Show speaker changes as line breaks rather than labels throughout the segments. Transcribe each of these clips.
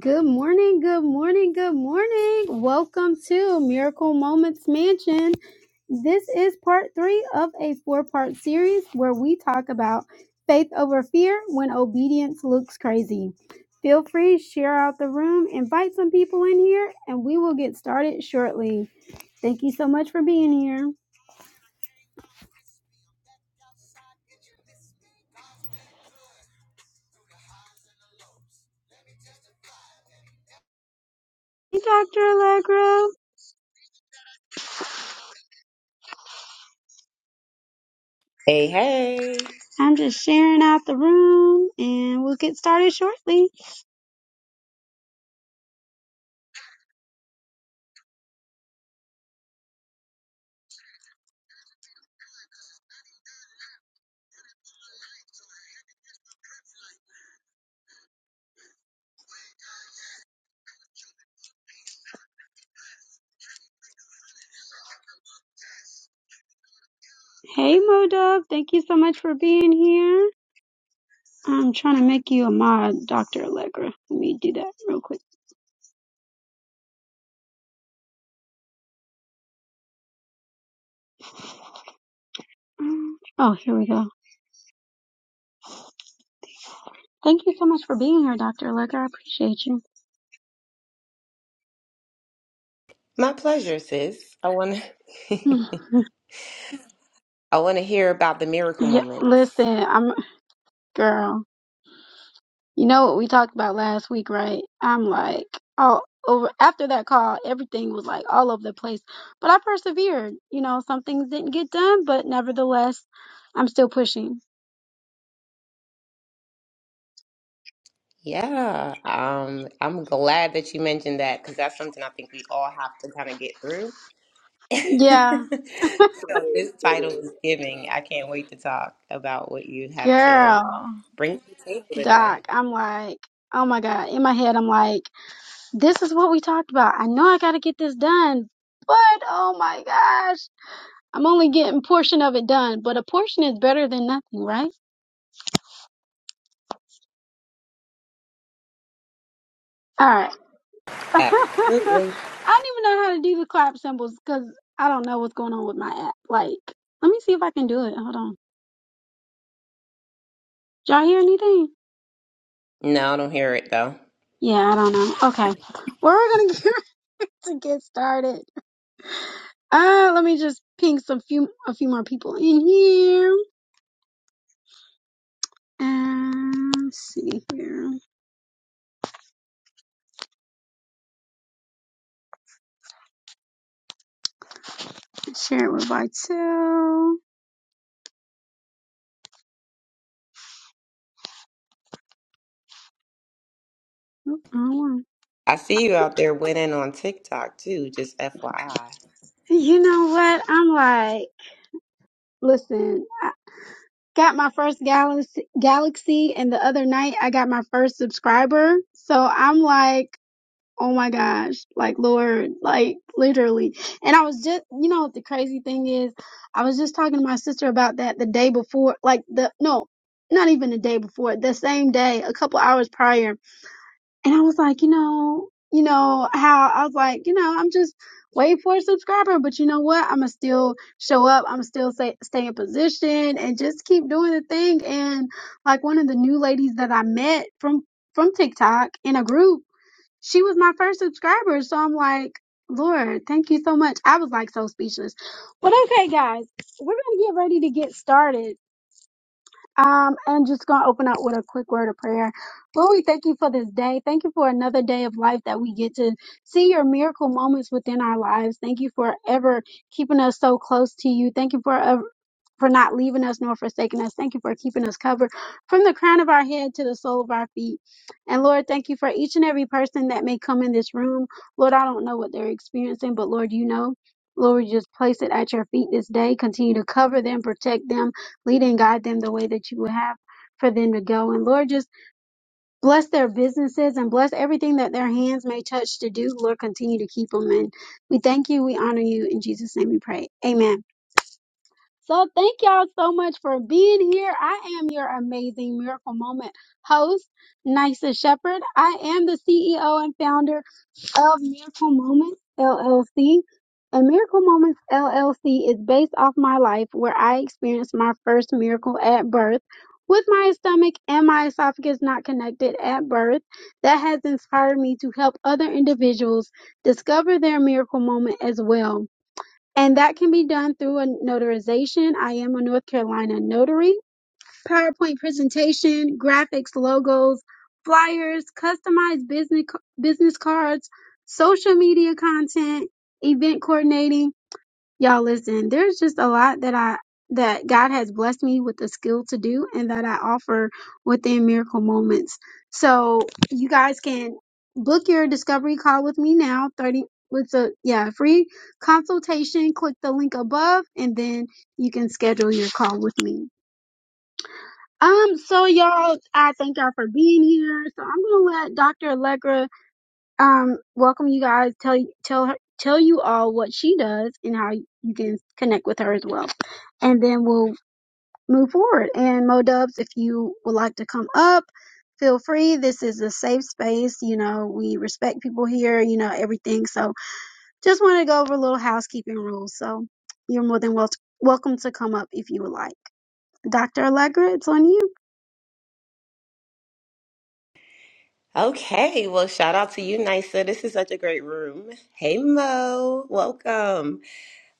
Good morning, good morning, good morning. Welcome to Miracle Moments Mansion. This is part three of a four part series where we talk about faith over fear when obedience looks crazy. Feel free, share out the room, invite some people in here, and we will get started shortly. Thank you so much for being here. Hey, Dr. Allegra.
Hey, hey.
I'm just sharing out the room and we'll get started shortly. Hey, Modub. Thank you so much for being here. I'm trying to make you a mod, Dr. Allegra. Let me do that real quick. Um, Oh, here we go. Thank you so much for being here, Dr. Allegra. I appreciate you.
My pleasure, sis. I want to I want to hear about the miracle
yeah,
moments.
listen, I'm girl. You know what we talked about last week, right? I'm like all over after that call, everything was like all over the place. But I persevered. You know, some things didn't get done, but nevertheless, I'm still pushing.
Yeah. Um I'm glad that you mentioned that cuz that's something I think we all have to kind of get through. so
Yeah.
this title is giving. I can't wait to talk about what you have to
Girl,
bring to the table today.
Doc, I'm like, oh my God. In my head, I'm like, This is what we talked about. I know I got to get this done, but oh my gosh, I'm only getting a portion of it done, but a portion is better than nothing, right? All right. I
Absolutely.
don't even know how to do the clap symbols because I don't know what's going on with my app. Like, let me see if I can do it. Hold on. Did y'all hear anything?
No, I don't hear it though.
Yeah, I don't know. Okay. Well, We're going to get ready to get started. Uh, let me just ping some few a few more people in here. And let's see here. Share it with Vital. Mm-mm.
I see you out there winning on TikTok too, just FYI.
You know what? I'm like, listen, I got my first galaxy, galaxy, and the other night I got my first subscriber. So I'm like, oh my gosh, like Lord, like literally. And I was just, you know, what the crazy thing is, I was just talking to my sister about that the day before, like the no, not even the day before, the same day, a couple hours prior And I was like, you know, you know how I was like, you know, I'm just waiting for a subscriber, but you know what? I'm gonna still show up. I'm still stay, stay in position and just keep doing the thing. And like one of the new ladies that I met from from TikTok in a group, she was my first subscriber. So I'm like, Lord, thank you so much. I was like so speechless. But okay, guys, we're gonna get ready to get started. Um, I'm just going to open up with a quick word of prayer. Lord, we thank you for this day. Thank you for another day of life that we get to see your miracle moments within our lives. Thank you for ever keeping us so close to you. Thank you for ever for not leaving us nor forsaking us. Thank you for keeping us covered from the crown of our head to the sole of our feet. And Lord, thank you for each and every person that may come in this room. Lord, I don't know what they're experiencing, but Lord, you know. Lord, we just place it at your feet this day. Continue to cover them, protect them lead and guide them the way that you would have for them to go. And Lord, just bless their businesses and bless everything that their hands may touch to do. Lord, continue to keep them. And we thank you. We honor you. In Jesus' name we pray. Amen. So thank y'all so much for being here. I am your amazing miracle moment host, Nisa Shepherd. I am the CEO and founder of Miracle Moments LLC. And Miracle Moments LLC is based off my life where I experienced my first miracle at birth with my stomach and my esophagus not connected at birth. That has inspired me to help other individuals discover their miracle moment as well. And that can be done through a notarization. I am a North Carolina notary PowerPoint presentation, graphics, logos, flyers, customized business business cards, social media content, event coordinating. Y'all listen, there's just a lot that I that God has blessed me with the skill to do and that I offer within miracle moments. So you guys can book your discovery call with me now. 30 with a yeah, free consultation. Click the link above and then you can schedule your call with me. Um, so y'all, I thank y'all for being here. So I'm gonna let Dr. Allegra um welcome you guys, tell you tell her tell you all what she does and how you can connect with her as well. And then we'll move forward. And Mo Dubs, if you would like to come up, feel free. This is a safe space, you know, we respect people here, you know, everything. So just wanna go over a little housekeeping rules. So you're more than wel- welcome to come up if you would like. Dr. Allegra, it's on you.
Okay, well, shout out to you, Nisa. This is such a great room. Hey, Mo, welcome.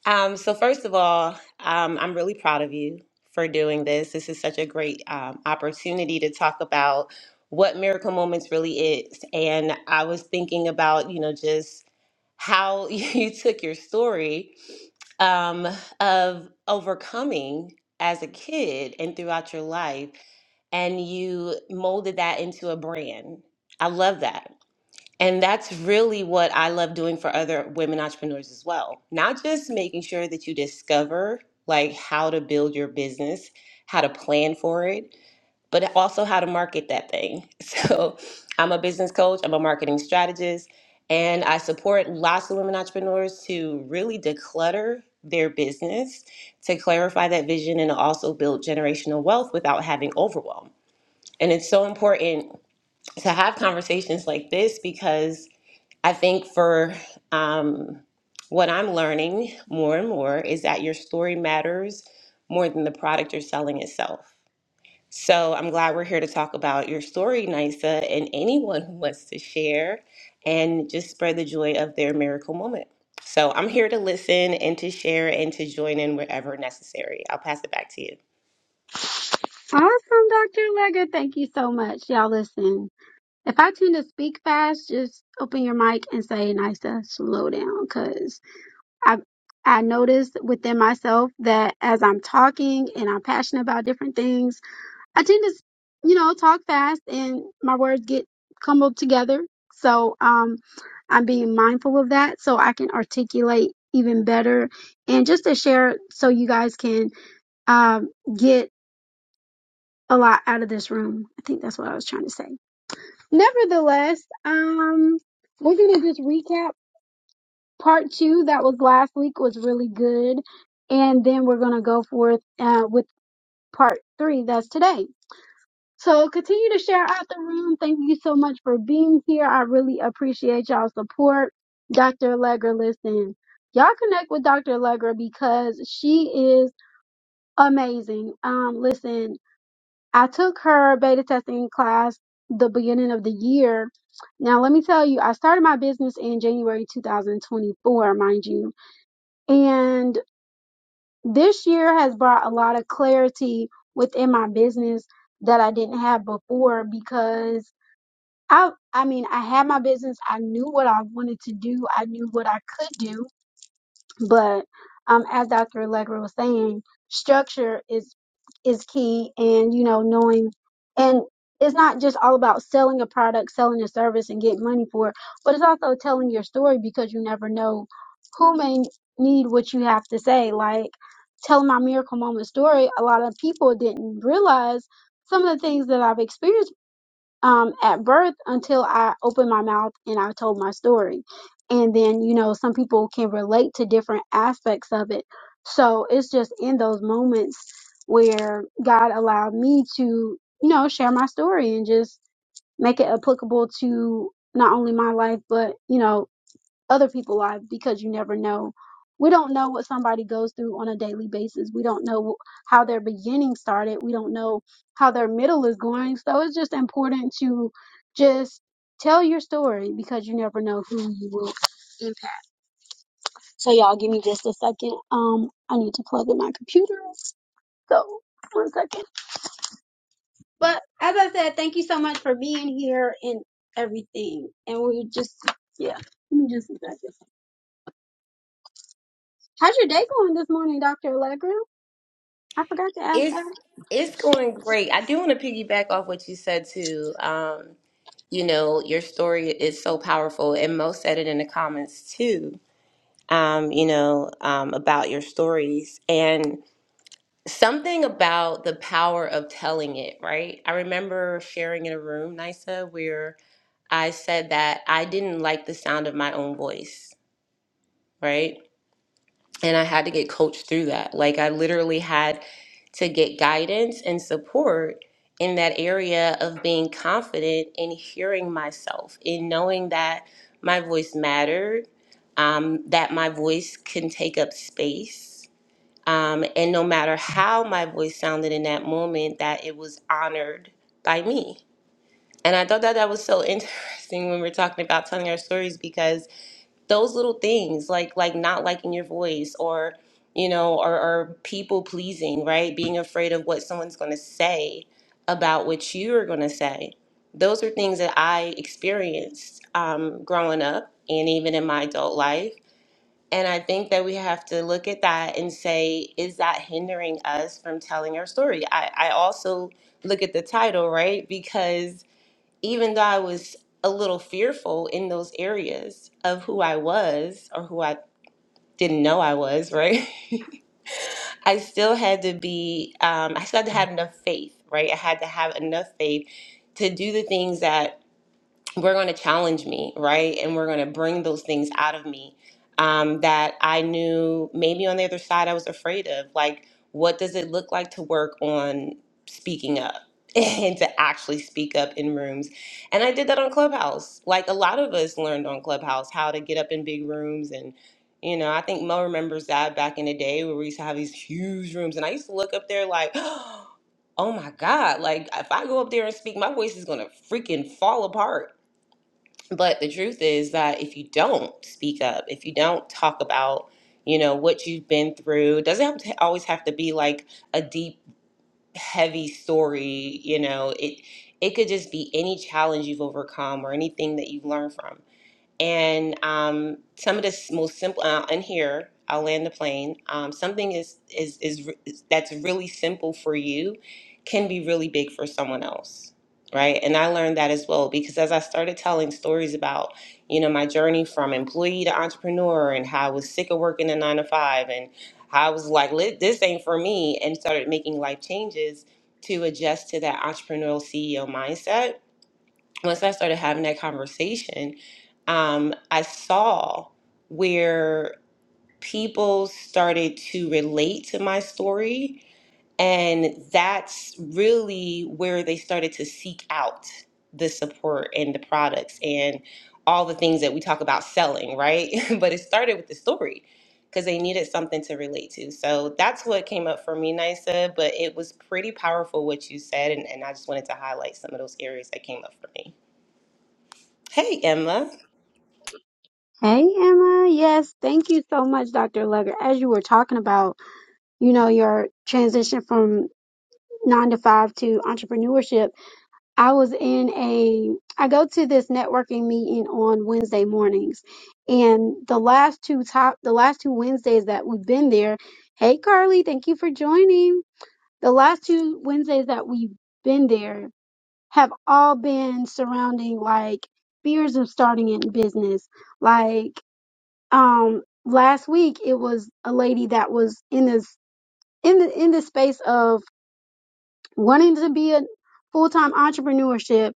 Um, so first of all, um, I'm really proud of you for doing this. This is such a great um, opportunity to talk about what Miracle Moments really is. And I was thinking about, you know, just how you took your story um, of overcoming as a kid and throughout your life, and you molded that into a brand. I love that and that's really what I love doing for other women entrepreneurs as well. Not just making sure that you discover like how to build your business, how to plan for it, but also how to market that thing. So, I'm a business coach, I'm a marketing strategist, and I support lots of women entrepreneurs to really declutter their business, to clarify that vision and also build generational wealth without having overwhelm. And it's so important to have conversations like this because I think for um, what I'm learning more and more is that your story matters more than the product you're selling itself. So I'm glad we're here to talk about your story, Nisa, and anyone who wants to share and just spread the joy of their miracle moment. So I'm here to listen and to share and to join in wherever necessary. I'll pass it back to you.
Awesome, Dr. Leggett. Thank you so much. Y'all listen. If I tend to speak fast, just open your mic and say, Nisa, slow down. Cause I, I noticed within myself that as I'm talking and I'm passionate about different things, I tend to, you know, talk fast and my words get cumbled together. So, um, I'm being mindful of that so I can articulate even better and just to share so you guys can, um, get a lot out of this room. I think that's what I was trying to say. Nevertheless, um, we're gonna just recap part two that was last week was really good, and then we're gonna go forth uh, with part three that's today. So continue to share out the room. Thank you so much for being here. I really appreciate y'all's support, Dr. Allegra. Listen, y'all connect with Dr. Allegra because she is amazing. Um, listen. I took her beta testing class the beginning of the year. Now, let me tell you, I started my business in January 2024, mind you. And this year has brought a lot of clarity within my business that I didn't have before because I I mean, I had my business, I knew what I wanted to do, I knew what I could do, but um, as Dr. Allegra was saying, structure is is key, and you know, knowing and it's not just all about selling a product, selling a service, and getting money for it, but it's also telling your story because you never know who may need what you have to say. Like telling my miracle moment story, a lot of people didn't realize some of the things that I've experienced um, at birth until I opened my mouth and I told my story. And then, you know, some people can relate to different aspects of it. So it's just in those moments where God allowed me to, you know, share my story and just make it applicable to not only my life, but, you know, other people's lives because you never know. We don't know what somebody goes through on a daily basis. We don't know how their beginning started. We don't know how their middle is going. So it's just important to just tell your story because you never know who you will impact. So y'all give me just a second. Um I need to plug in my computer. So one second. But as I said, thank you so much for being here and everything. And we just yeah, give me just a second. How's your day going this morning, Dr. Allegra? I forgot to ask
It's
that.
it's going great. I do want to piggyback off what you said too. Um, you know, your story is so powerful. And Mo said it in the comments too, um, you know, um, about your stories and something about the power of telling it, right? I remember sharing in a room, Nisa, where I said that I didn't like the sound of my own voice, right? And I had to get coached through that. Like, I literally had to get guidance and support in that area of being confident in hearing myself, in knowing that my voice mattered, um, that my voice can take up space. Um, and no matter how my voice sounded in that moment, that it was honored by me. And I thought that that was so interesting when we're talking about telling our stories because those little things like like not liking your voice or you know or, or people pleasing right being afraid of what someone's going to say about what you're going to say those are things that i experienced um, growing up and even in my adult life and i think that we have to look at that and say is that hindering us from telling our story i, I also look at the title right because even though I was a little fearful in those areas of who I was or who I didn't know I was, right? I still had to be, um, I still had to have enough faith, right? I had to have enough faith to do the things that we're going to challenge me, right? And we're going to bring those things out of me um, that I knew maybe on the other side I was afraid of. Like, what does it look like to work on speaking up? and to actually speak up in rooms. And I did that on Clubhouse. Like a lot of us learned on Clubhouse how to get up in big rooms and you know, I think Mo remembers that back in the day where we used to have these huge rooms and I used to look up there like oh my god like if i go up there and speak my voice is gonna freaking fall apart but the truth is that if you don't speak up, if you don't talk about, you know, what you've been through, it doesn't have to always have to be like a deep, heavy story, you know, it it could just be any challenge you've overcome or anything that you've learned from. And um, some of the s- most simple, uh, and here I'll land the plane. Um, something is, is is re- is that's really simple for you can be really big for someone else, right? And I learned that as well because as I started telling stories about, you know, my journey from employee to entrepreneur and how I was sick of working a nine to five and how I was like, "Li- this ain't for me, and started making life changes to adjust to that entrepreneurial CEO mindset once I started having that conversation, um, I saw where people started to relate to my story. And that's really where they started to seek out the support and the products and all the things that we talk about selling, right? but it started with the story because they needed something to relate to. So that's what came up for me, Nisa. But it was pretty powerful what you said. And, and I just wanted to highlight some of those areas that came up for me. Hey, Emma.
Hey, Emma. Yes, thank you so much, Dr. Legger. As you were talking about, you know, your transition from nine to five to entrepreneurship, I was in a, I go to this networking meeting on Wednesday mornings. And the last two top, the last two Wednesdays that we've been there, hey, Carly, thank you for joining. The last two Wednesdays that we've been there have all been surrounding like fears of starting in business, like, um last week it was a lady that was in this in the in the space of wanting to be a full-time entrepreneurship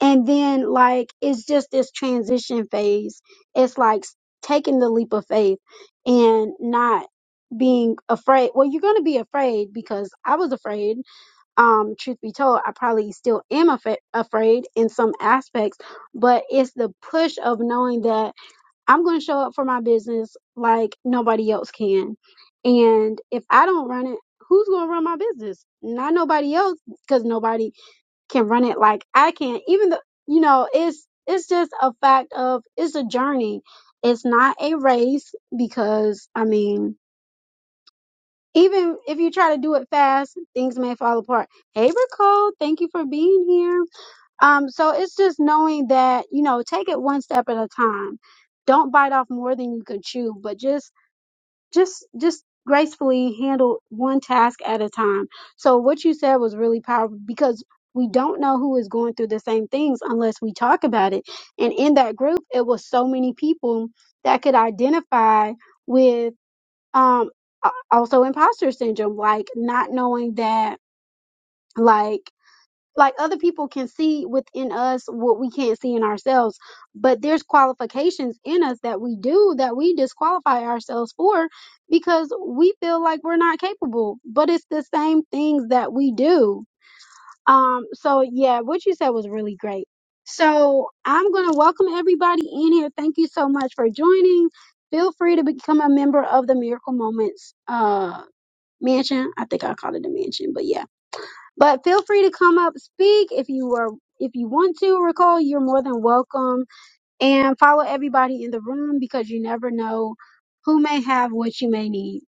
and then like it's just this transition phase it's like s- taking the leap of faith and not being afraid well you're going to be afraid because i was afraid um truth be told i probably still am af- afraid in some aspects but it's the push of knowing that I'm going to show up for my business like nobody else can. And if I don't run it, who's going to run my business? Not nobody else because nobody can run it like I can. Even though, you know, it's, it's just a fact of it's a journey. It's not a race because I mean, even if you try to do it fast, things may fall apart. Hey, Nicole, thank you for being here. Um, so it's just knowing that, you know, take it one step at a time. Don't bite off more than you can chew, but just, just, just gracefully handle one task at a time. So what you said was really powerful because we don't know who is going through the same things unless we talk about it. And in that group, it was so many people that could identify with, um, a- also imposter syndrome, like not knowing that, like, like other people can see within us what we can't see in ourselves but there's qualifications in us that we do that we disqualify ourselves for because we feel like we're not capable but it's the same things that we do um so yeah what you said was really great so i'm going to welcome everybody in here thank you so much for joining feel free to become a member of the miracle moments uh mansion i think i called it a mansion but yeah but feel free to come up, speak if you are if you want to recall, you're more than welcome. And follow everybody in the room because you never know who may have what you may need.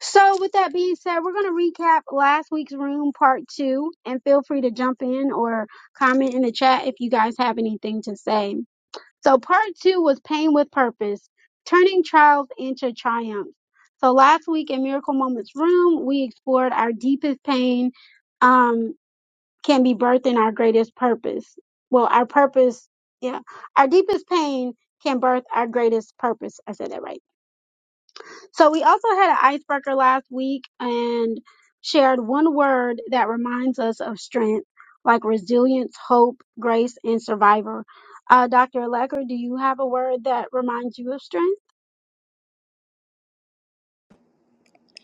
So with that being said, we're gonna recap last week's room part two and feel free to jump in or comment in the chat if you guys have anything to say. So part two was pain with purpose, turning trials into triumphs. So last week in Miracle Moments Room, we explored our deepest pain um, can be birthing our greatest purpose. Well, our purpose, yeah, our deepest pain can birth our greatest purpose. I said that right. So we also had an icebreaker last week and shared one word that reminds us of strength, like resilience, hope, grace, and survivor. Uh, Dr. Lecker, do you have a word that reminds you of strength?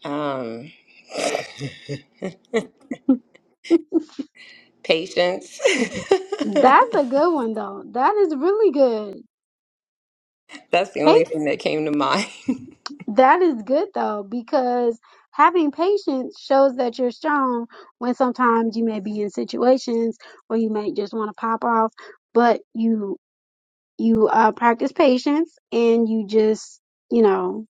Um, patience.
That's a good one though. That is really good.
That's the
Hey,
only thing that came to mind.
That is good though, because having patience shows that you're strong when sometimes you may be in situations where you may just want to pop off, but you you uh practice patience and you just, you know,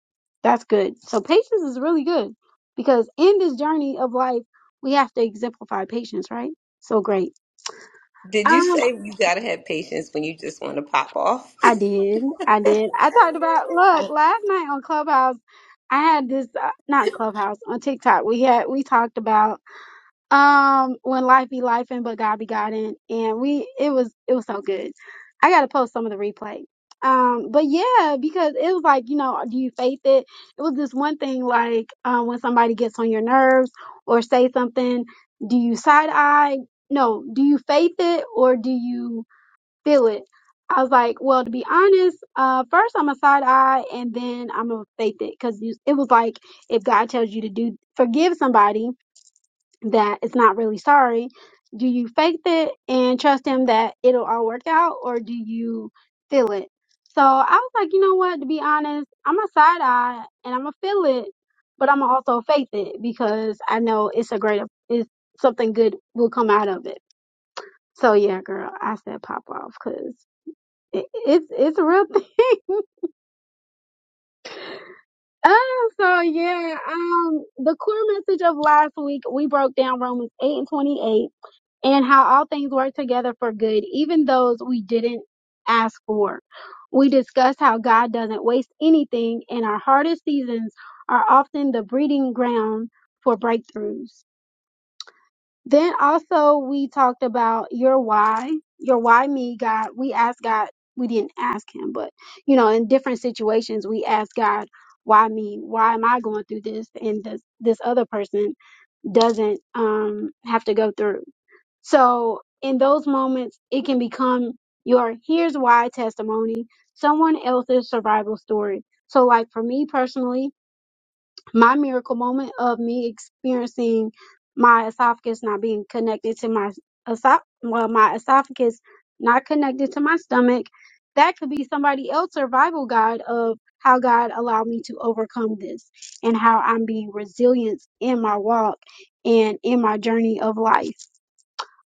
that's good. So patience is really good because in this journey of life, we have to exemplify patience, right? So great.
Did you
Um
say you gotta have patience when you just want to pop off?
I did. I did. I talked about,
Yeah.
look, last night on Clubhouse, I had this, uh, not Clubhouse, on TikTok, we had, we talked about, um, when life be life and but God be God in. And we, it was, it was so good. I got to post some of the replay. Um, but yeah, because it was like, you know, do you faith it? It was this one thing like, um, when somebody gets on your nerves or say something, do you side eye? No, do you faith it or do you feel it. I was like, well, to be honest, uh, first I'm a side eye and then I'm gonna faith it because it was like if God tells you to do forgive somebody that is not really sorry, do you faith it and trust Him that it'll all work out, or do you feel it? So I was like, you know what? To be honest, I'm a side eye and I'm gonna feel it, but I'm gonna also faith it because I know it's a great, it's something good will come out of it. So yeah, girl, I said pop off because it, it's it's a real thing. Oh, so yeah, um, the core message of last week we broke down Romans eight and twenty eight and how all things work together for good, even those we didn't ask for. We discussed how God doesn't waste anything, and our hardest seasons are often the breeding ground for breakthroughs. Then also we talked about your why, your why me, God. We asked God, we didn't ask him, but you know, in different situations we ask God, why me? Why am I going through this and this this other person doesn't um have to go through. So in those moments it can become your here's why testimony, someone else's survival story. So like for me personally, my miracle moment of me experiencing my esophagus not being connected to my esoph well my esophagus not connected to my stomach that could be somebody else's survival guide of how God allowed me to overcome this and how I'm being resilient in my walk and in my journey of life.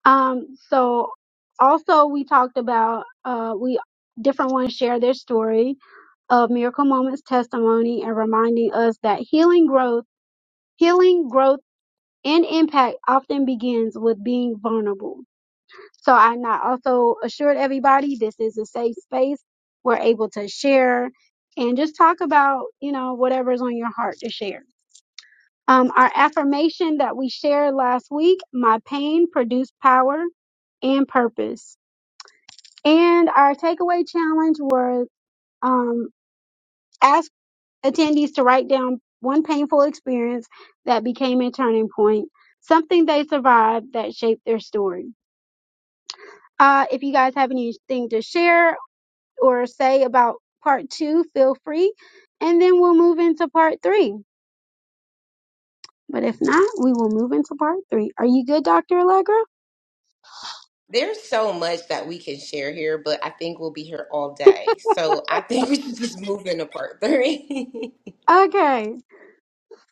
Um so also we talked about uh we different ones share their story of miracle moments testimony and reminding us that healing growth Healing, growth, and impact often begins with being vulnerable. So I not also assured everybody this is a safe space. We're able to share and just talk about, you know, whatever's on your heart to share. Um, our affirmation that we shared last week, my pain produced power and purpose. And our takeaway challenge was um, ask attendees to write down one painful experience that became a turning point, something they survived that shaped their story. Uh, if you guys have anything to share or say about part two, feel free. And then we'll move into part three. But if not, we will move into part three. Are you good, Dr. Allegra?
There's so much that we can share here, but I think we'll be here all day. So I think we should just move into part three.
Okay.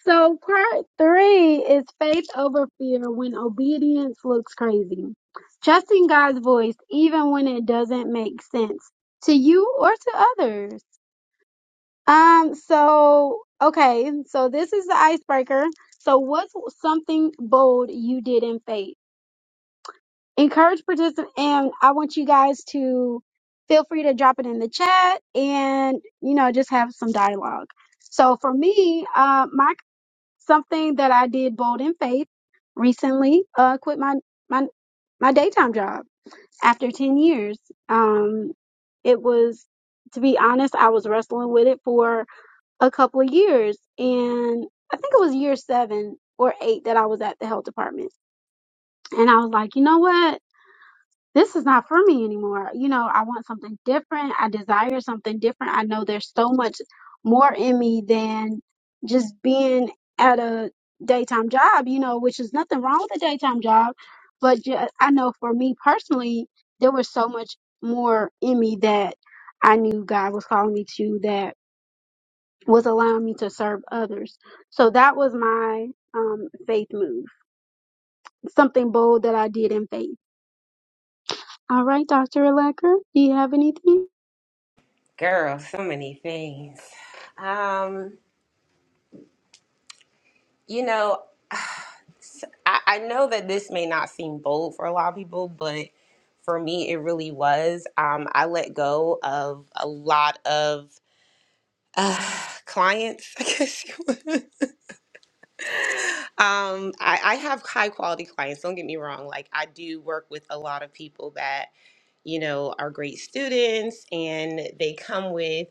So part three is faith over fear when obedience looks crazy. Trusting God's voice even when it doesn't make sense to you or to others. Um, so okay, so this is the icebreaker. So what's something bold you did in faith? Encourage participants and I want you guys to feel free to drop it in the chat and you know just have some dialogue. So for me, uh, my Something that I did bold in faith recently, uh, quit my, my, my daytime job after 10 years. Um, it was, to be honest, I was wrestling with it for a couple of years. And I think it was year seven or eight that I was at the health department. And I was like, you know what? this is not for me anymore. You know, I want something different. I desire something different. I know there's so much more in me than just being at a daytime job, you know, which is nothing wrong with a daytime job. But ju- I know for me personally, there was so much more in me that I knew God was calling me to that was allowing me to serve others. So that was my um, faith move, something bold that I did in faith. All right, Dr. Lecker, do you have anything?
Girl, so many things. Um, you know, I, I know that this may not seem bold for a lot of people, but for me, it really was. Um, I let go of a lot of uh, clients, I guess. you would. um, I, I have high quality clients. Don't get me wrong. Like I do work with a lot of people that you know are great students, and they come with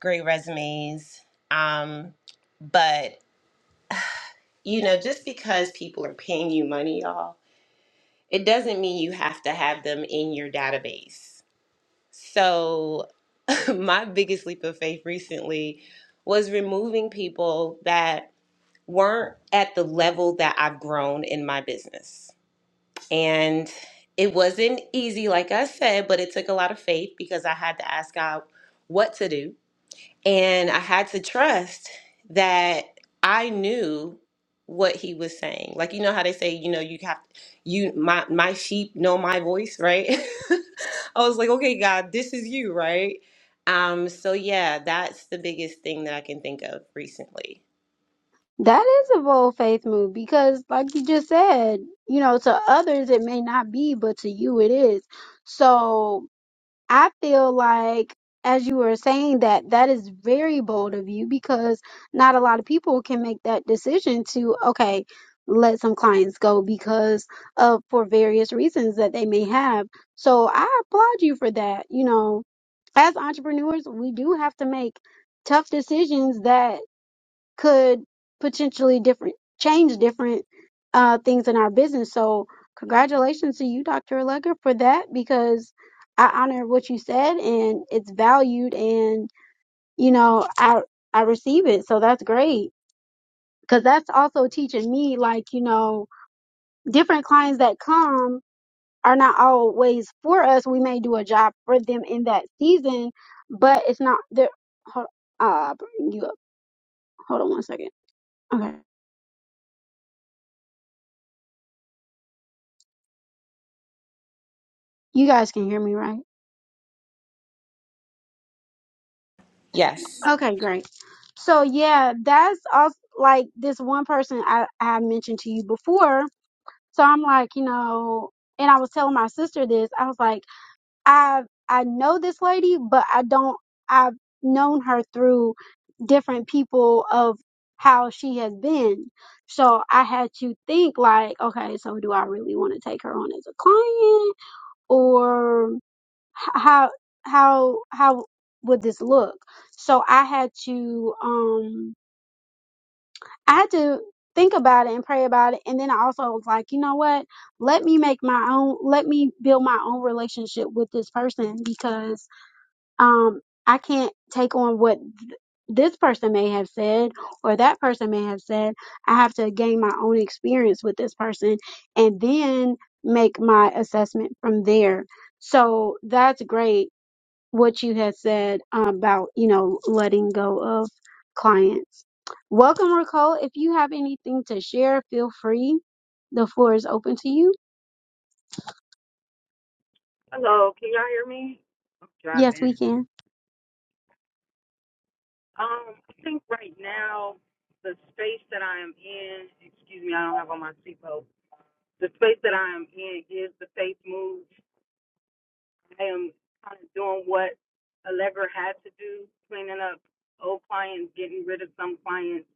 great resumes. Um, but you know, just because people are paying you money, y'all it doesn't mean you have to have them in your database. So, my biggest leap of faith recently was removing people that weren't at the level that I've grown in my business. And it wasn't easy, like I said, but it took a lot of faith because I had to ask God what to do and I had to trust that I knew what he was saying. Like you know how they say, you know, you have you my my sheep know my voice, right? I was like, okay, God, this is you, right? Um, so yeah, that's the biggest thing that I can think of recently.
That is a bold faith move because, like you just said, you know, to others it may not be, but to you it is. So I feel like, as you were saying that, that is very bold of you because not a lot of people can make that decision to, okay, let some clients go because of for various reasons that they may have. So I applaud you for that. You know, as entrepreneurs, we do have to make tough decisions that could potentially different change different uh, things in our business. So congratulations to you, Dr. Allegra, for that because I honor what you said and it's valued and you know I I receive it. So that's great because that's also teaching me like you know different clients that come are not always for us. We may do a job for them in that season, but it's not. they're- Hold, uh, bring you up. Hold on one second. Okay, you guys can hear me, right?
Yes.
Okay, great. So yeah, that's also like this one person I, I mentioned to you before. So I'm like, you know, and I was telling my sister this. I was like, I I know this lady, but I don't. I've known her through different people of how she has been. So I had to think like, okay, so do I really want to take her on as a client or h- how how how would this look so i had to um i had to think about it and pray about it and then i also was like you know what let me make my own let me build my own relationship with this person because um i can't take on what th- this person may have said or that person may have said i have to gain my own experience with this person and then make my assessment from there so that's great what you had said uh, about, you know, letting go of clients. Welcome, Nicole. If you have anything to share, feel free. The floor is open to you.
Hello, can y'all hear me? I'm
Yes,
driving.
we can.
Um, I think right now the space that I am in, excuse me, I don't have on my seatbelt. The space that I am in is the faith move. I am kind of doing what Allegra had to do, cleaning up old clients, getting rid of some clients,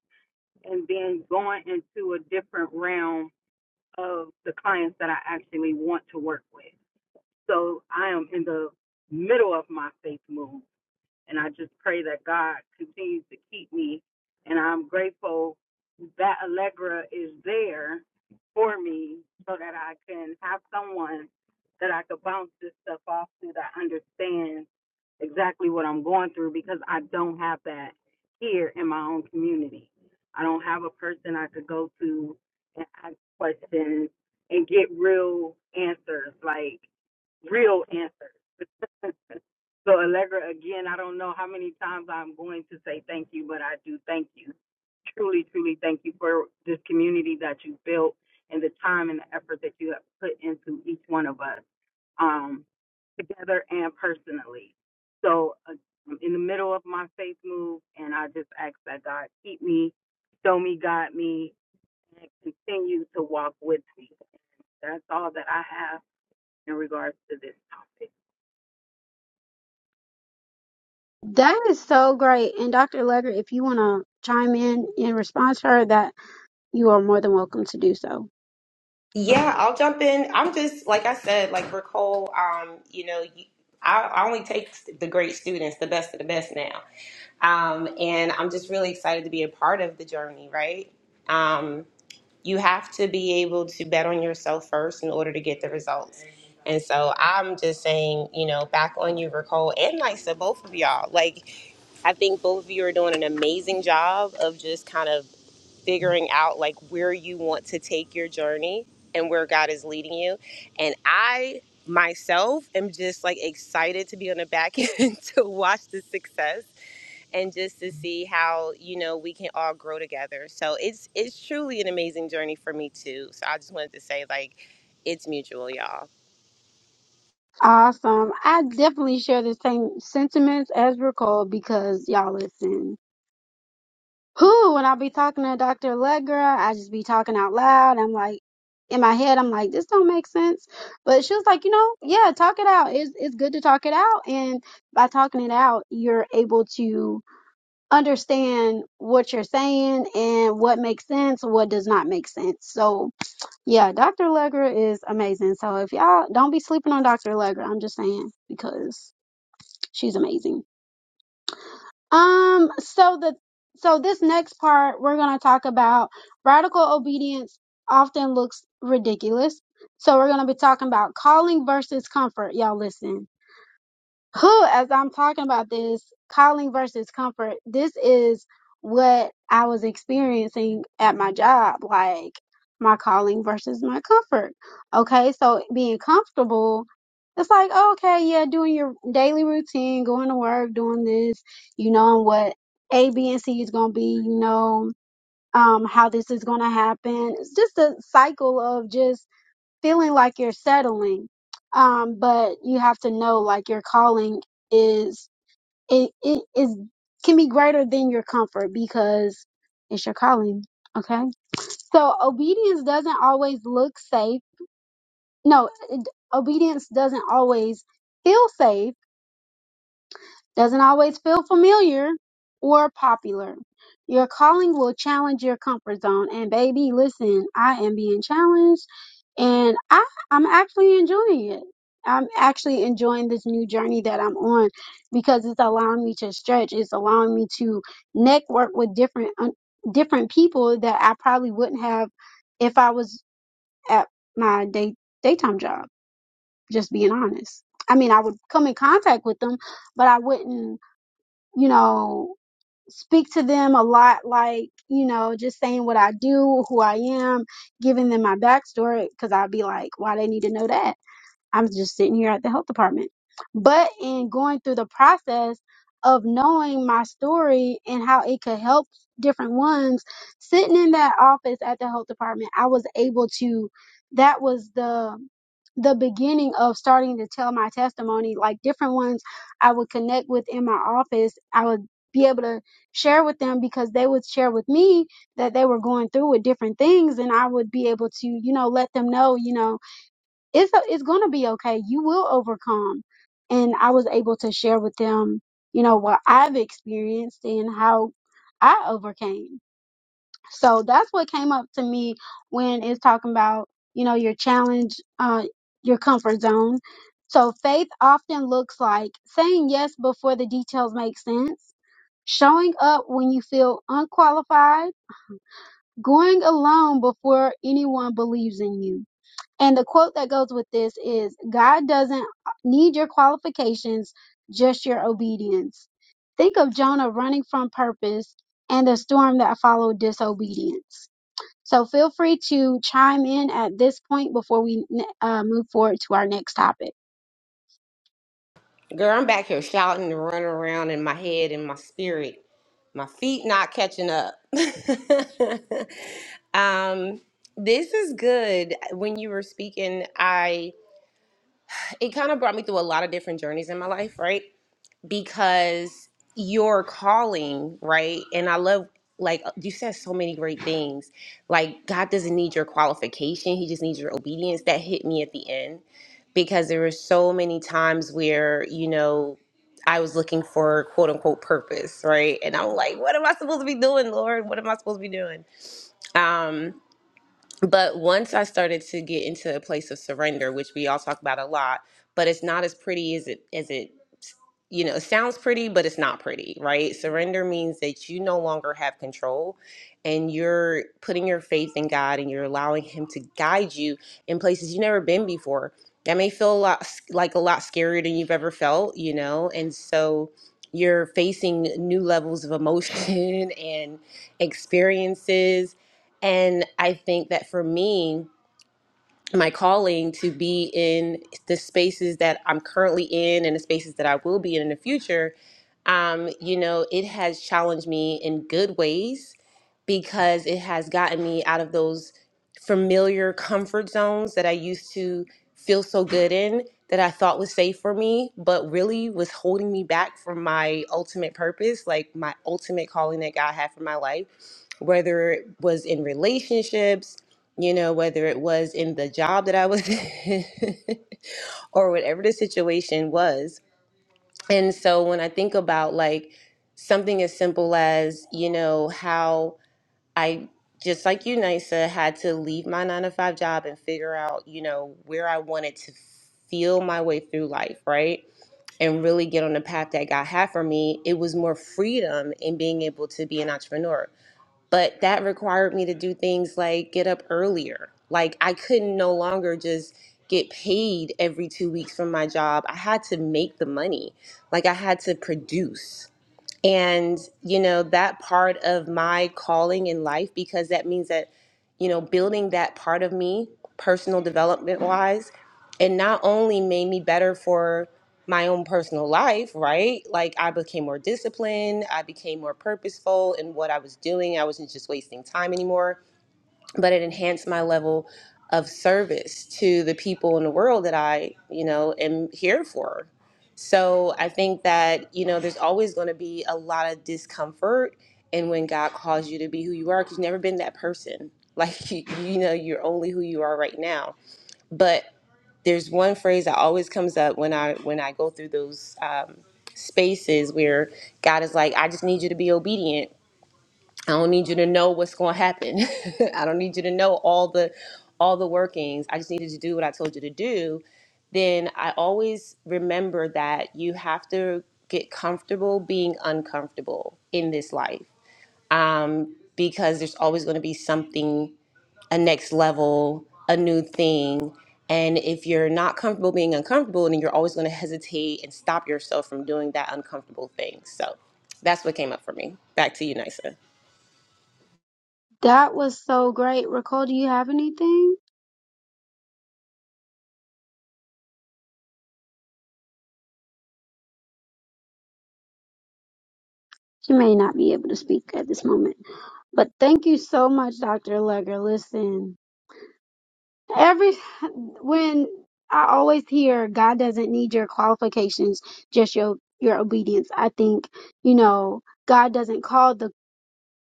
and then going into a different realm of the clients that I actually want to work with. So I am in the middle of my faith move And I just pray that God continues to keep me. And I'm grateful that Allegra is there for me so that I can have someone that I could bounce this stuff off to that understands exactly what I'm going through because I don't have that here in my own community. I don't have a person I could go to and ask questions and get real answers. Like, real answers. so Allegra, again, I don't know how many times I'm going to say thank you, but I do thank you. Truly, truly thank you for this community that you built and the time and the effort that you have put into each one of us, um, together and personally. So uh, I'm in the middle of my faith move, and I just ask that God keep me, show me, guide me, and continue to walk with me. That's all that I have in regards to this topic.
That is so great. And Dr. Legger, if you want to chime in in response to her, that you are more than welcome to do so.
Yeah, I'll jump in. I'm just like I said, like Nicole. Um, you know, you, I, I only take the great students, the best of the best now, um, and I'm just really excited to be a part of the journey. Right? Um, you have to be able to bet on yourself first in order to get the results. And so I'm just saying, you know, back on you, Nicole, and Nysa, both of y'all. Like I think both of you are doing an amazing job of just kind of figuring out like where you want to take your journey and where God is leading you. And I myself am just like excited to be on the back end to watch the success and just to see how, you know, we can all grow together. So it's it's truly an amazing journey for me too. So I just wanted to say like it's mutual, y'all.
Awesome. I definitely share the same sentiments as Nicole because y'all listen. who when I be talking to Dr. Allegra, I just be talking out loud. I'm like, in my head, I'm like, this don't make sense. But she was like, you know, yeah, talk it out. It's it's good to talk it out, and by talking it out, you're able to understand what you're saying and what makes sense, what does not make sense. So yeah, Dr. Allegra is amazing. So if y'all don't be sleeping on Dr. Allegra, I'm just saying because she's amazing. Um, so the so this next part we're gonna talk about radical obedience often looks ridiculous. So we're gonna be talking about calling versus comfort. Y'all listen who, as I'm talking about this, calling versus comfort, this is what I was experiencing at my job, like my calling versus my comfort. Okay, so being comfortable, it's like, oh, okay, yeah, doing your daily routine, going to work, doing this, you know what A, B, and C is going to be, you know, um, how this is going to happen. It's just a cycle of just feeling like you're settling. Um, but you have to know like your calling is it, it is can be greater than your comfort because it's your calling. Okay. So obedience doesn't always look safe. No, it, obedience doesn't always feel safe doesn't always feel familiar or popular. Your calling will challenge your comfort zone. And baby, listen, I am being challenged and I, I'm actually enjoying it. I'm actually enjoying this new journey that I'm on because it's allowing me to stretch. It's allowing me to network with different un- different people that I probably wouldn't have if I was at my day daytime job. Just being honest. I mean, I would come in contact with them, but I wouldn't you know, speak to them a lot, like, you know, just saying what I do, who I am, giving them my backstory, because I'd be like, why they need to know that? I'm just sitting here at the health department. But in going through the process of knowing my story and how it could help different ones, sitting in that office at the health department, I was able to that was the the beginning of starting to tell my testimony like different ones I would connect with in my office. I would be able to share with them because they would share with me that they were going through with different things and I would be able to, you know, let them know, you know, it's it's going to be okay. You will overcome. And I was able to share with them, you know, what I've experienced and how I overcame. So that's what came up to me when it's talking about, you know, your challenge, uh, your comfort zone. So faith often looks like saying yes before the details make sense, showing up when you feel unqualified, going alone before anyone believes in you and the quote that goes with this is God doesn't need your qualifications, just your obedience. Think of Jonah running from purpose and the storm that followed disobedience. So feel free to chime in at this point before we uh, move forward to our next topic.
Girl, I'm back here shouting and running around in my head and my spirit. My feet not catching up. um, this is good. When you were speaking, I it kind of brought me through a lot of different journeys in my life, right? because your calling, right? And I love like uh, you said so many great things. Like God doesn't need your qualification, he just needs your obedience. That hit me at the end because there were so many times where, you know, I was looking for quote unquote purpose, right? And I'm like, what am I supposed to be doing, Lord? What am I supposed to be doing? Um but once I started to get into a place of surrender, which we all talk about a lot, but it's not as pretty as it as it you know, it sounds pretty, but it's not pretty, right? Surrender means that you no longer have control and you're putting your faith in God and you're allowing Him to guide you in places you've never been before. That may feel a lot like a lot scarier than you've ever felt, you know? And so you're facing new levels of emotion and experiences. And I think that for me, my calling to be in the spaces that I'm currently in and the spaces that I will be in in the future, um, you know, it has challenged me in good ways because it has gotten me out of those familiar comfort zones that I used to feel so good in that I thought was safe for me, but really was holding me back from my ultimate purpose, like my ultimate calling that God had for my life, whether it was in relationships you know, whether it was in the job that I was in or whatever the situation was. And so when I think about like something as simple as, you know, how I just like you, Nisa, had to leave my nine to five job and figure out, you know, where I wanted to feel my way through life, right? And really get on the path that God had for me, it was more freedom in being able to be an entrepreneur but that required me to do things like get up earlier. Like I couldn't no longer just get paid every two weeks from my job. I had to make the money. Like I had to produce and you know that part of my calling in life because that means that you know building that part of me personal development wise it not only made me better for my own personal life right like i became more disciplined i became more purposeful in what i was doing i wasn't just wasting time anymore but it enhanced my level of service to the people in the world that I, you know, am here for. So I think that, you know, there's always going to be a lot of discomfort and when God calls you to be who you are cuz you've never been that person. Like you, you know, you're only who you are right now. But there's one phrase that always comes up when I when I go through those um spaces where God is like, I just need you to be obedient I don't need you to know what's going to happen. I don't need you to know all the all the workings. I just needed to do what I told you to do. Then I always remember that you have to get comfortable being uncomfortable in this life. Um because there's always going to be something a next level, a new thing. And if you're not comfortable being uncomfortable, then you're always going to hesitate and stop yourself from doing that uncomfortable thing. So that's what came up for me. Back to you, Nisa.
That was so great. Raquel, do you have anything? She may not be able to speak at this moment, but thank you so much, Dr. Legger. Listen. Every when I always hear God doesn't need your qualifications, just your your obedience. I think you know God doesn't call the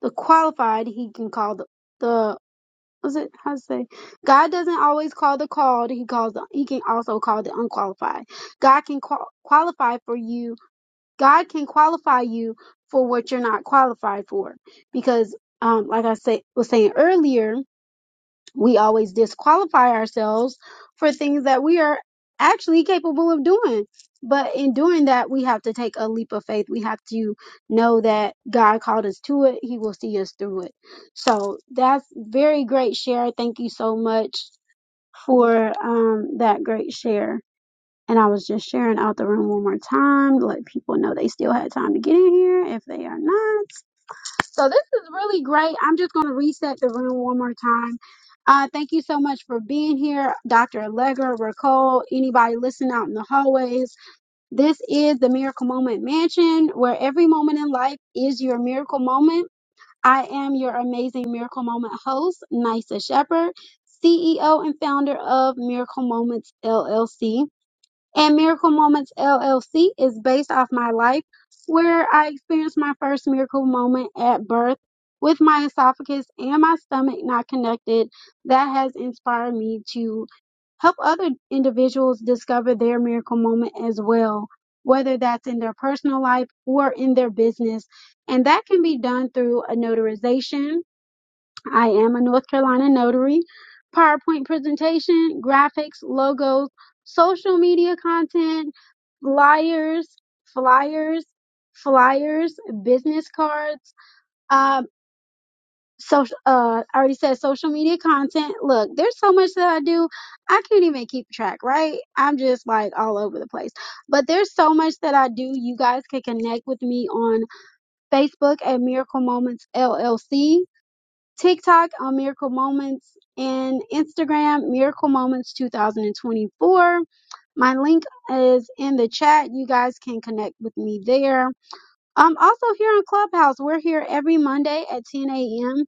the qualified; He can call the the what's it how to say God doesn't always call the called; He calls the, He can also call the unqualified. God can qual- qualify for you. God can qualify you for what you're not qualified for, because um, like I say was saying earlier we always disqualify ourselves for things that we are actually capable of doing. But in doing that, we have to take a leap of faith. We have to know that God called us to it. He will see us through it. So that's very great share. Thank you so much for um, that great share. And I was just sharing out the room one more time to let people know they still had time to get in here if they are not. So this is really great. I'm just going to reset the room one more time. Uh, thank you so much for being here, Dr. Allegra, Ricole, anybody listening out in the hallways. This is the Miracle Moment Mansion, where every moment in life is your miracle moment. I am your amazing Miracle Moment host, Nisa Shepherd, CEO and founder of Miracle Moments LLC. And Miracle Moments LLC is based off my life, where I experienced my first miracle moment at birth with my esophagus and my stomach not connected. That has inspired me to help other individuals discover their miracle moment as well, whether that's in their personal life or in their business. And that can be done through a notarization I am a North Carolina notary. PowerPoint presentation, graphics, logos, social media content, flyers, flyers, flyers, business cards. Um, social. Uh, I already said social media content. Look, there's so much that I do, I can't even keep track. Right? I'm just like all over the place. But there's so much that I do. You guys can connect with me on Facebook at Miracle Moments LLC. TikTok on Miracle Moments and Instagram, Miracle Moments 2024. My link is in the chat. You guys can connect with me there. Um, also here on Clubhouse, we're here every Monday at 10 a.m.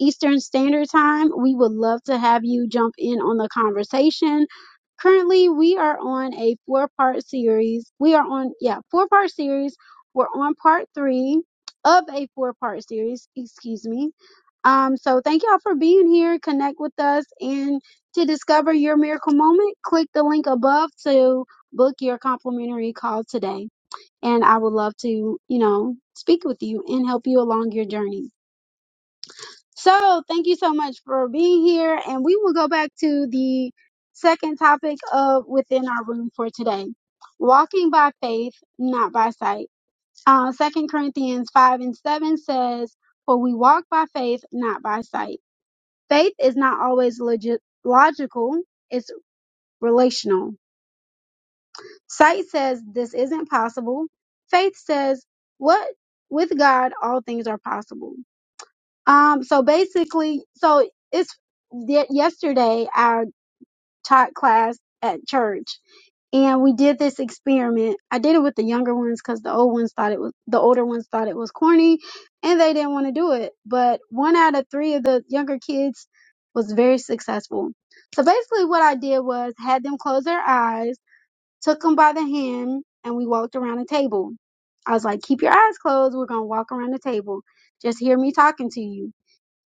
Eastern Standard Time. We would love to have you jump in on the conversation. Currently, we are on a four part series. We are on, yeah, four part series. We're on part three of a four part series, excuse me. Um, so thank y'all for being here. Connect with us and to discover your miracle moment, click the link above to book your complimentary call today and I would love to, you know, speak with you and help you along your journey. So, thank you so much for being here, and we will go back to the second topic of within our room for today. Walking by faith, not by sight. Uh, 2 Corinthians 5 and 7 says, For we walk by faith, not by sight. Faith is not always logi- logical, it's relational Sight says this isn't possible. Faith says what with God all things are possible. Um so basically so it's y- yesterday I taught class at church and we did this experiment. I did it with the younger ones cuz the old ones thought it was the older ones thought it was corny and they didn't want to do it. But one out of 3 of the younger kids was very successful. So basically what I did was had them close their eyes took him by the hand and we walked around the table. I was like, keep your eyes closed. We're going to walk around the table. Just hear me talking to you.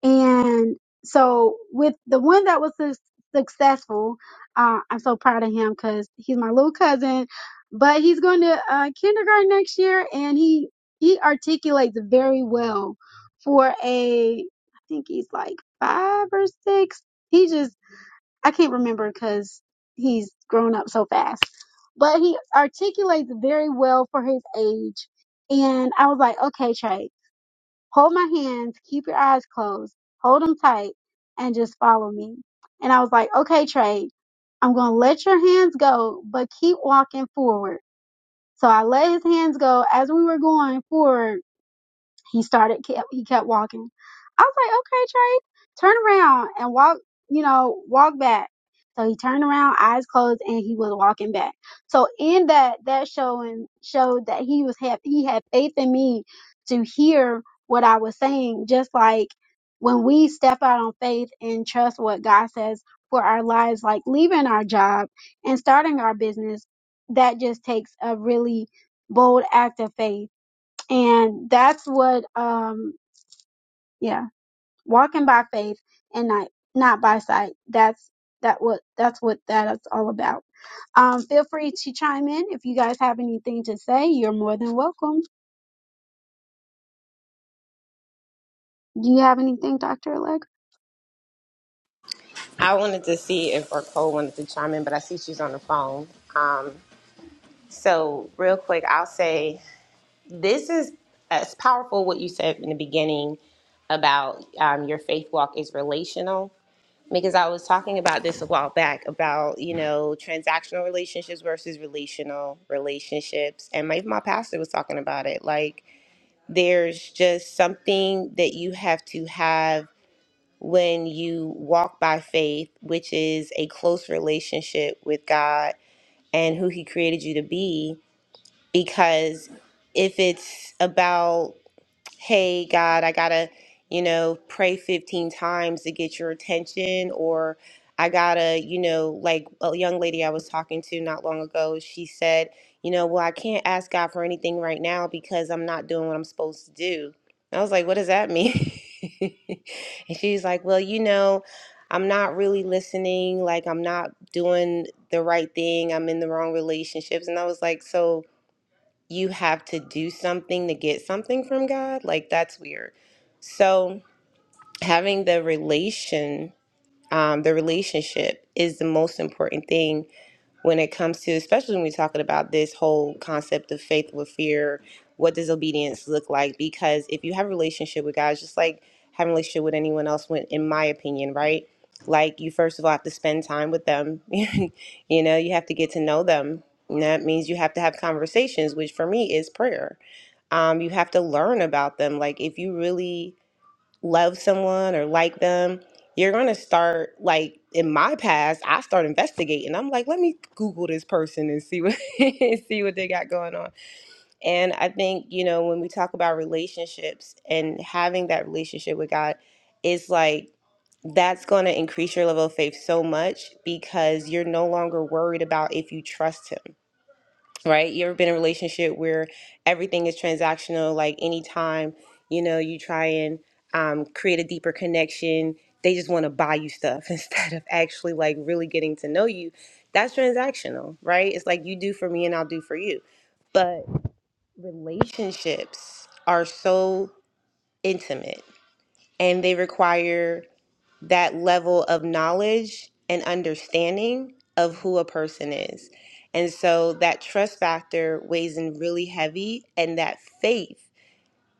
And so with the one that was su- successful, uh, I'm so proud of him because he's my little cousin, but he's going to uh, kindergarten next year and he, he articulates very well for a, I think he's like five or six. He just I can't remember because he's grown up so fast. But he articulates very well for his age. And I was like, okay, Trey, hold my hands, keep your eyes closed, hold them tight, and just follow me. And I was like, okay, Trey, I'm going to let your hands go, but keep walking forward. So I let his hands go as we were going forward he started, kept, he kept walking. I was like, okay, Trey, turn around and walk, you know, walk back. So he turned around, eyes closed, and he was walking back. So in that, that showing showed that he was happy. He had faith in me to hear what I was saying, just like when we step out on faith and trust what God says for our lives, like leaving our job and starting our business, that just takes a really bold act of faith and that's what um yeah walking by faith and not not by sight that's that what that's what that is all about um feel free to chime in if you guys have anything to say you're more than welcome do you have anything dr Alleg?
I wanted to see if or Cole wanted to chime in, but I see she's on the phone. Um, so real quick, I'll say this is as powerful what you said in the beginning about um, your faith walk is relational because I was talking about this a while back about you know transactional relationships versus relational relationships, and my my pastor was talking about it. Like there's just something that you have to have when you walk by faith, which is a close relationship with God and who He created you to be. Because if it's about hey god i gotta you know pray 15 times to get your attention or i gotta you know like a young lady i was talking to not long ago she said you know well i can't ask god for anything right now because i'm not doing what i'm supposed to do and i was like what does that mean and she's like well you know i'm not really listening like i'm not doing the right thing i'm in the wrong relationships and i was like so you have to do something to get something from God. Like that's weird. So having the relation, um, the relationship is the most important thing when it comes to, especially when we're talking about this whole concept of faith with fear, what does obedience look like? Because if you have a relationship with God, it's just like having a relationship with anyone else, when, in my opinion, right? Like you first of all have to spend time with them. you know, you have to get to know them. And that means you have to have conversations, which for me is prayer. Um, you have to learn about them. Like if you really love someone or like them, you're going to start like in my past, I start investigating. I'm like, let me google this person and see what and see what they got going on. And I think, you know, when we talk about relationships and having that relationship with God, it's like that's going to increase your level of faith so much because you're no longer worried about if you trust him right? You ever been in a relationship where everything is transactional? Like anytime, you know, you try and um, create a deeper connection, they just want to buy you stuff instead of actually like really getting to know you. That's transactional, right? It's like you do for me and I'll do for you. But relationships are so intimate and they require that level of knowledge and understanding of who a person is. And so that trust factor weighs in really heavy and that faith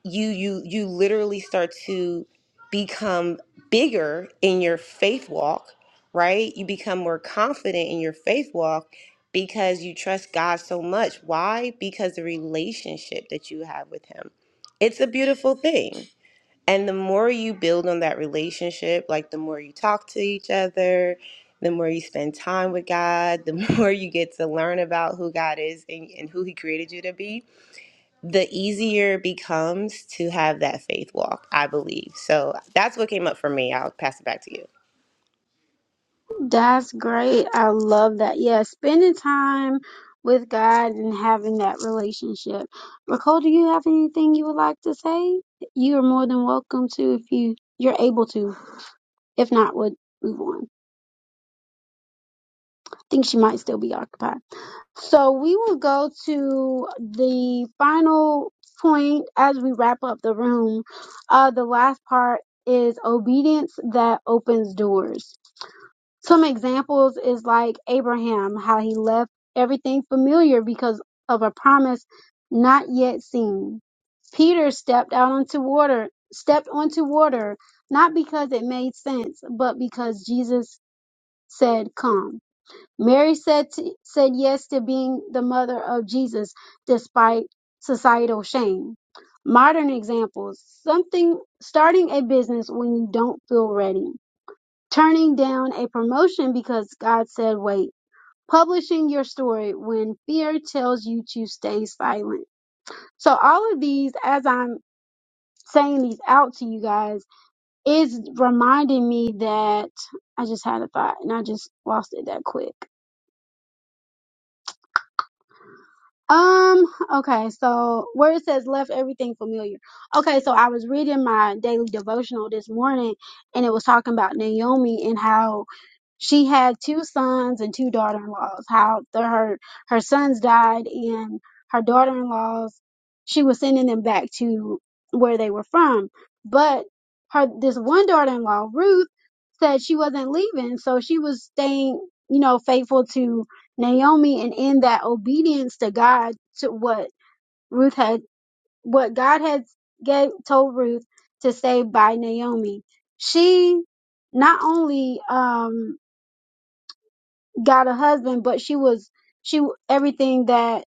you you you literally start to become bigger in your faith walk, right? You become more confident in your faith walk because you trust God so much. Why? Because the relationship that you have with him. It's a beautiful thing. And the more you build on that relationship, like the more you talk to each other, the more you spend time with God, the more you get to learn about who God is and, and who He created you to be, the easier it becomes to have that faith walk, I believe. So that's what came up for me. I'll pass it back to you.
that's great i love that yeah spending time with god and having that relationship nicole do you have anything you would like to say you are more than welcome to if you you're able to if not would move on think she might still be occupied. So we will go to the final point as we wrap up the room. Uh, the last part is obedience that opens doors. Some examples is like Abraham, how he left everything familiar because of a promise not yet seen. Peter stepped out onto water, stepped onto water, not because it made sense, but because Jesus said, come. Mary said, to, said yes to being the mother of Jesus despite societal shame. Modern examples something starting a business when you don't feel ready, turning down a promotion because God said wait, publishing your story when fear tells you to stay silent. So, all of these, as I'm saying these out to you guys, is reminding me that I just had a thought and I just lost it that quick. Um, okay, so where it says left everything familiar. Okay, so I was reading my daily devotional this morning and it was talking about Naomi and how she had two sons and two daughter-in-laws. How the, her her sons died and her daughter-in-laws, she was sending them back to where they were from. But her this one daughter-in-law, Ruth, said she wasn't leaving, so she was staying, you know, faithful to Naomi and in that obedience to God to what Ruth had what God had gave, told Ruth to say by Naomi. She not only um got a husband but she was she everything that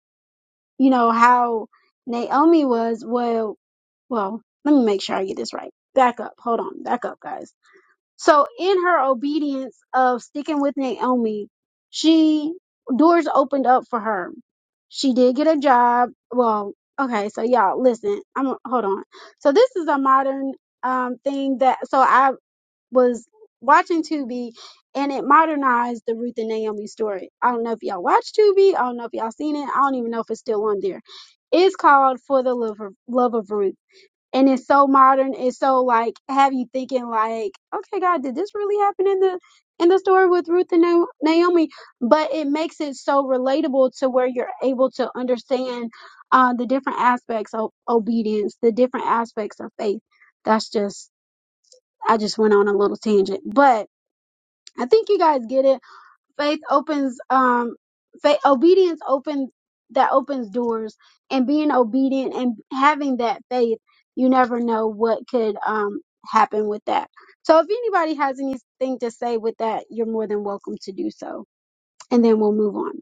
you know how Naomi was well well let me make sure I get this right. Back up. Hold on. Back up guys. So in her obedience of sticking with Naomi, she doors opened up for her. She did get a job. Well, okay, so y'all listen. I'm hold on. So this is a modern um thing that so I was watching Tubi and it modernized the Ruth and Naomi story. I don't know if y'all watch Tubi. I don't know if y'all seen it. I don't even know if it's still on there. It's called For the Love of, Love of Ruth and it's so modern. It's so like have you thinking like, okay, God, did this really happen in the in the story with Ruth and Na- Naomi? But it makes it so relatable to where you're able to understand uh, the different aspects of obedience, the different aspects of faith. That's just I just went on a little tangent, but I think you guys get it faith opens um faith obedience opens that opens doors and being obedient and having that faith you never know what could um happen with that so if anybody has anything to say with that you're more than welcome to do so and then we'll move on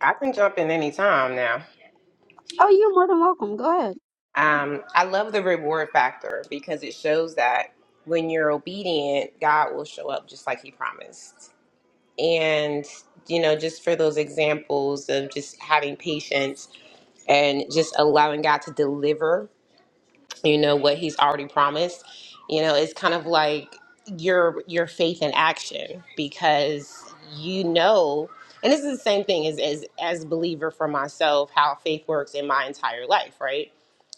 I can jump in any time now.
oh you're more than welcome go ahead
Um, I love the reward factor because it shows that when you're obedient, God will show up just like He promised. and you know just for those examples of just having patience and just allowing god to deliver you know what he's already promised you know it's kind of like your your faith in action because you know and this is the same thing as as as believer for myself how faith works in my entire life right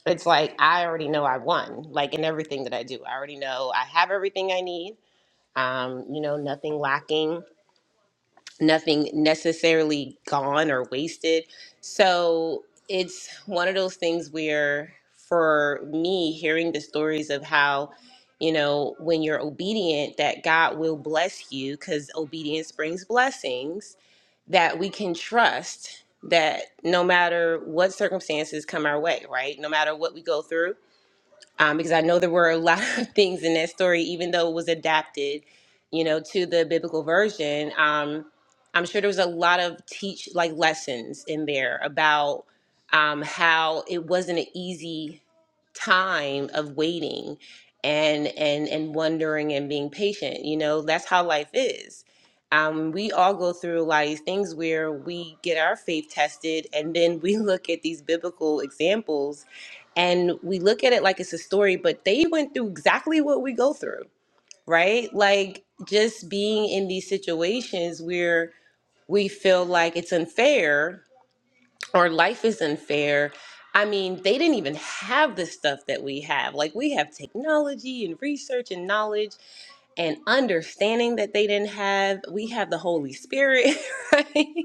it's like i already know i won like in everything that i do i already know i have everything i need um you know nothing lacking nothing necessarily gone or wasted. So it's one of those things where, for me, hearing the stories of how, you know, when you're obedient, that God will bless you because obedience brings blessings that we can trust that no matter what circumstances come our way, right? No matter what we go through, um, because I know there were a lot of things in that story, even though it was adapted, you know, to the biblical version. Um, I'm sure there was a lot of teach like lessons in there about um, how it wasn't an easy time of waiting and and and wondering and being patient. You know, that's how life is. Um, we all go through like things where we get our faith tested, and then we look at these biblical examples and we look at it like it's a story, but they went through exactly what we go through, right? Like just being in these situations where we feel like it's unfair or life is unfair. I mean, they didn't even have the stuff that we have. Like we have technology and research and knowledge and understanding that they didn't have. We have the Holy Spirit, right?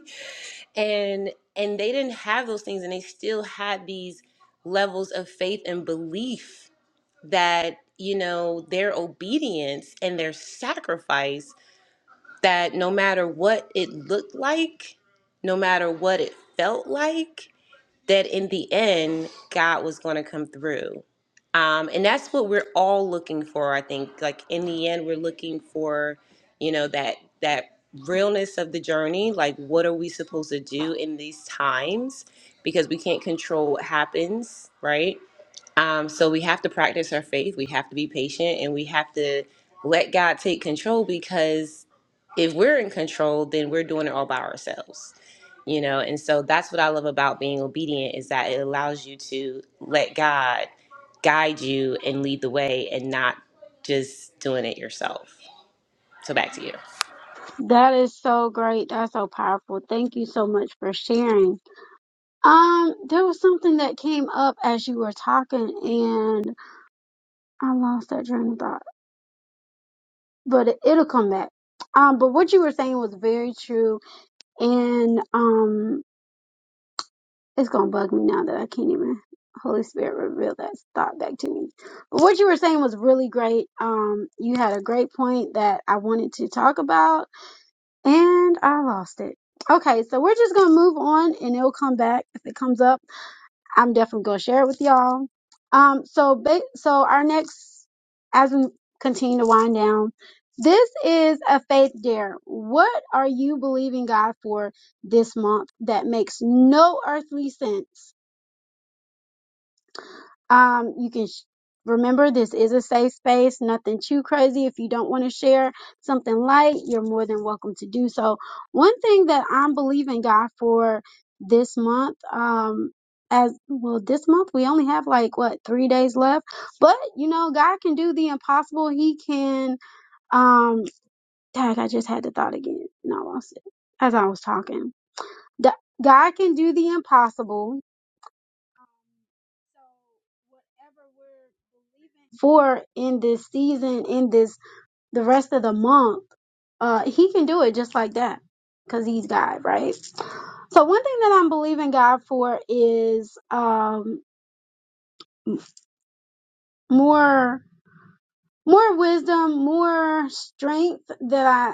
And and they didn't have those things and they still had these levels of faith and belief that you know their obedience and their sacrifice that no matter what it looked like no matter what it felt like that in the end, God was going to come through. Um, and that's what we're all looking for, I think. Like in the end, we're looking for, you know, that that realness of the journey. Like, what are we supposed to do in these times? Because we can't control what happens, right? Um, so we have to practice our faith. We have to be patient, and we have to let God take control. Because if we're in control, then we're doing it all by ourselves you know and so that's what i love about being obedient is that it allows you to let god guide you and lead the way and not just doing it yourself so back to you
that is so great that's so powerful thank you so much for sharing um there was something that came up as you were talking and i lost that train of thought but it, it'll come back. Um, but what you were saying was very true, and um, it's gonna bug me now that I can't even. Holy Spirit, reveal that thought back to me. But what you were saying was really great. Um, you had a great point that I wanted to talk about, and I lost it. Okay, so we're just gonna move on, and it'll come back if it comes up. I'm definitely gonna share it with y'all. Um, so ba- so our next, as we continue to wind down, this is a faith dare. What are you believing God for this month that makes no earthly sense? Um, you can sh- remember this is a safe space, nothing too crazy. If you don't want to share something light, you're more than welcome to do so. One thing that I'm believing God for this month, um, as well, this month we only have like what three days left, but you know, God can do the impossible. He can, um, dang, I just had the thought again and I lost it as I was talking. D- God can do the impossible for in this season, in this the rest of the month, uh, he can do it just like that because he's God, right? So one thing that I'm believing God for is um, more more wisdom, more strength that I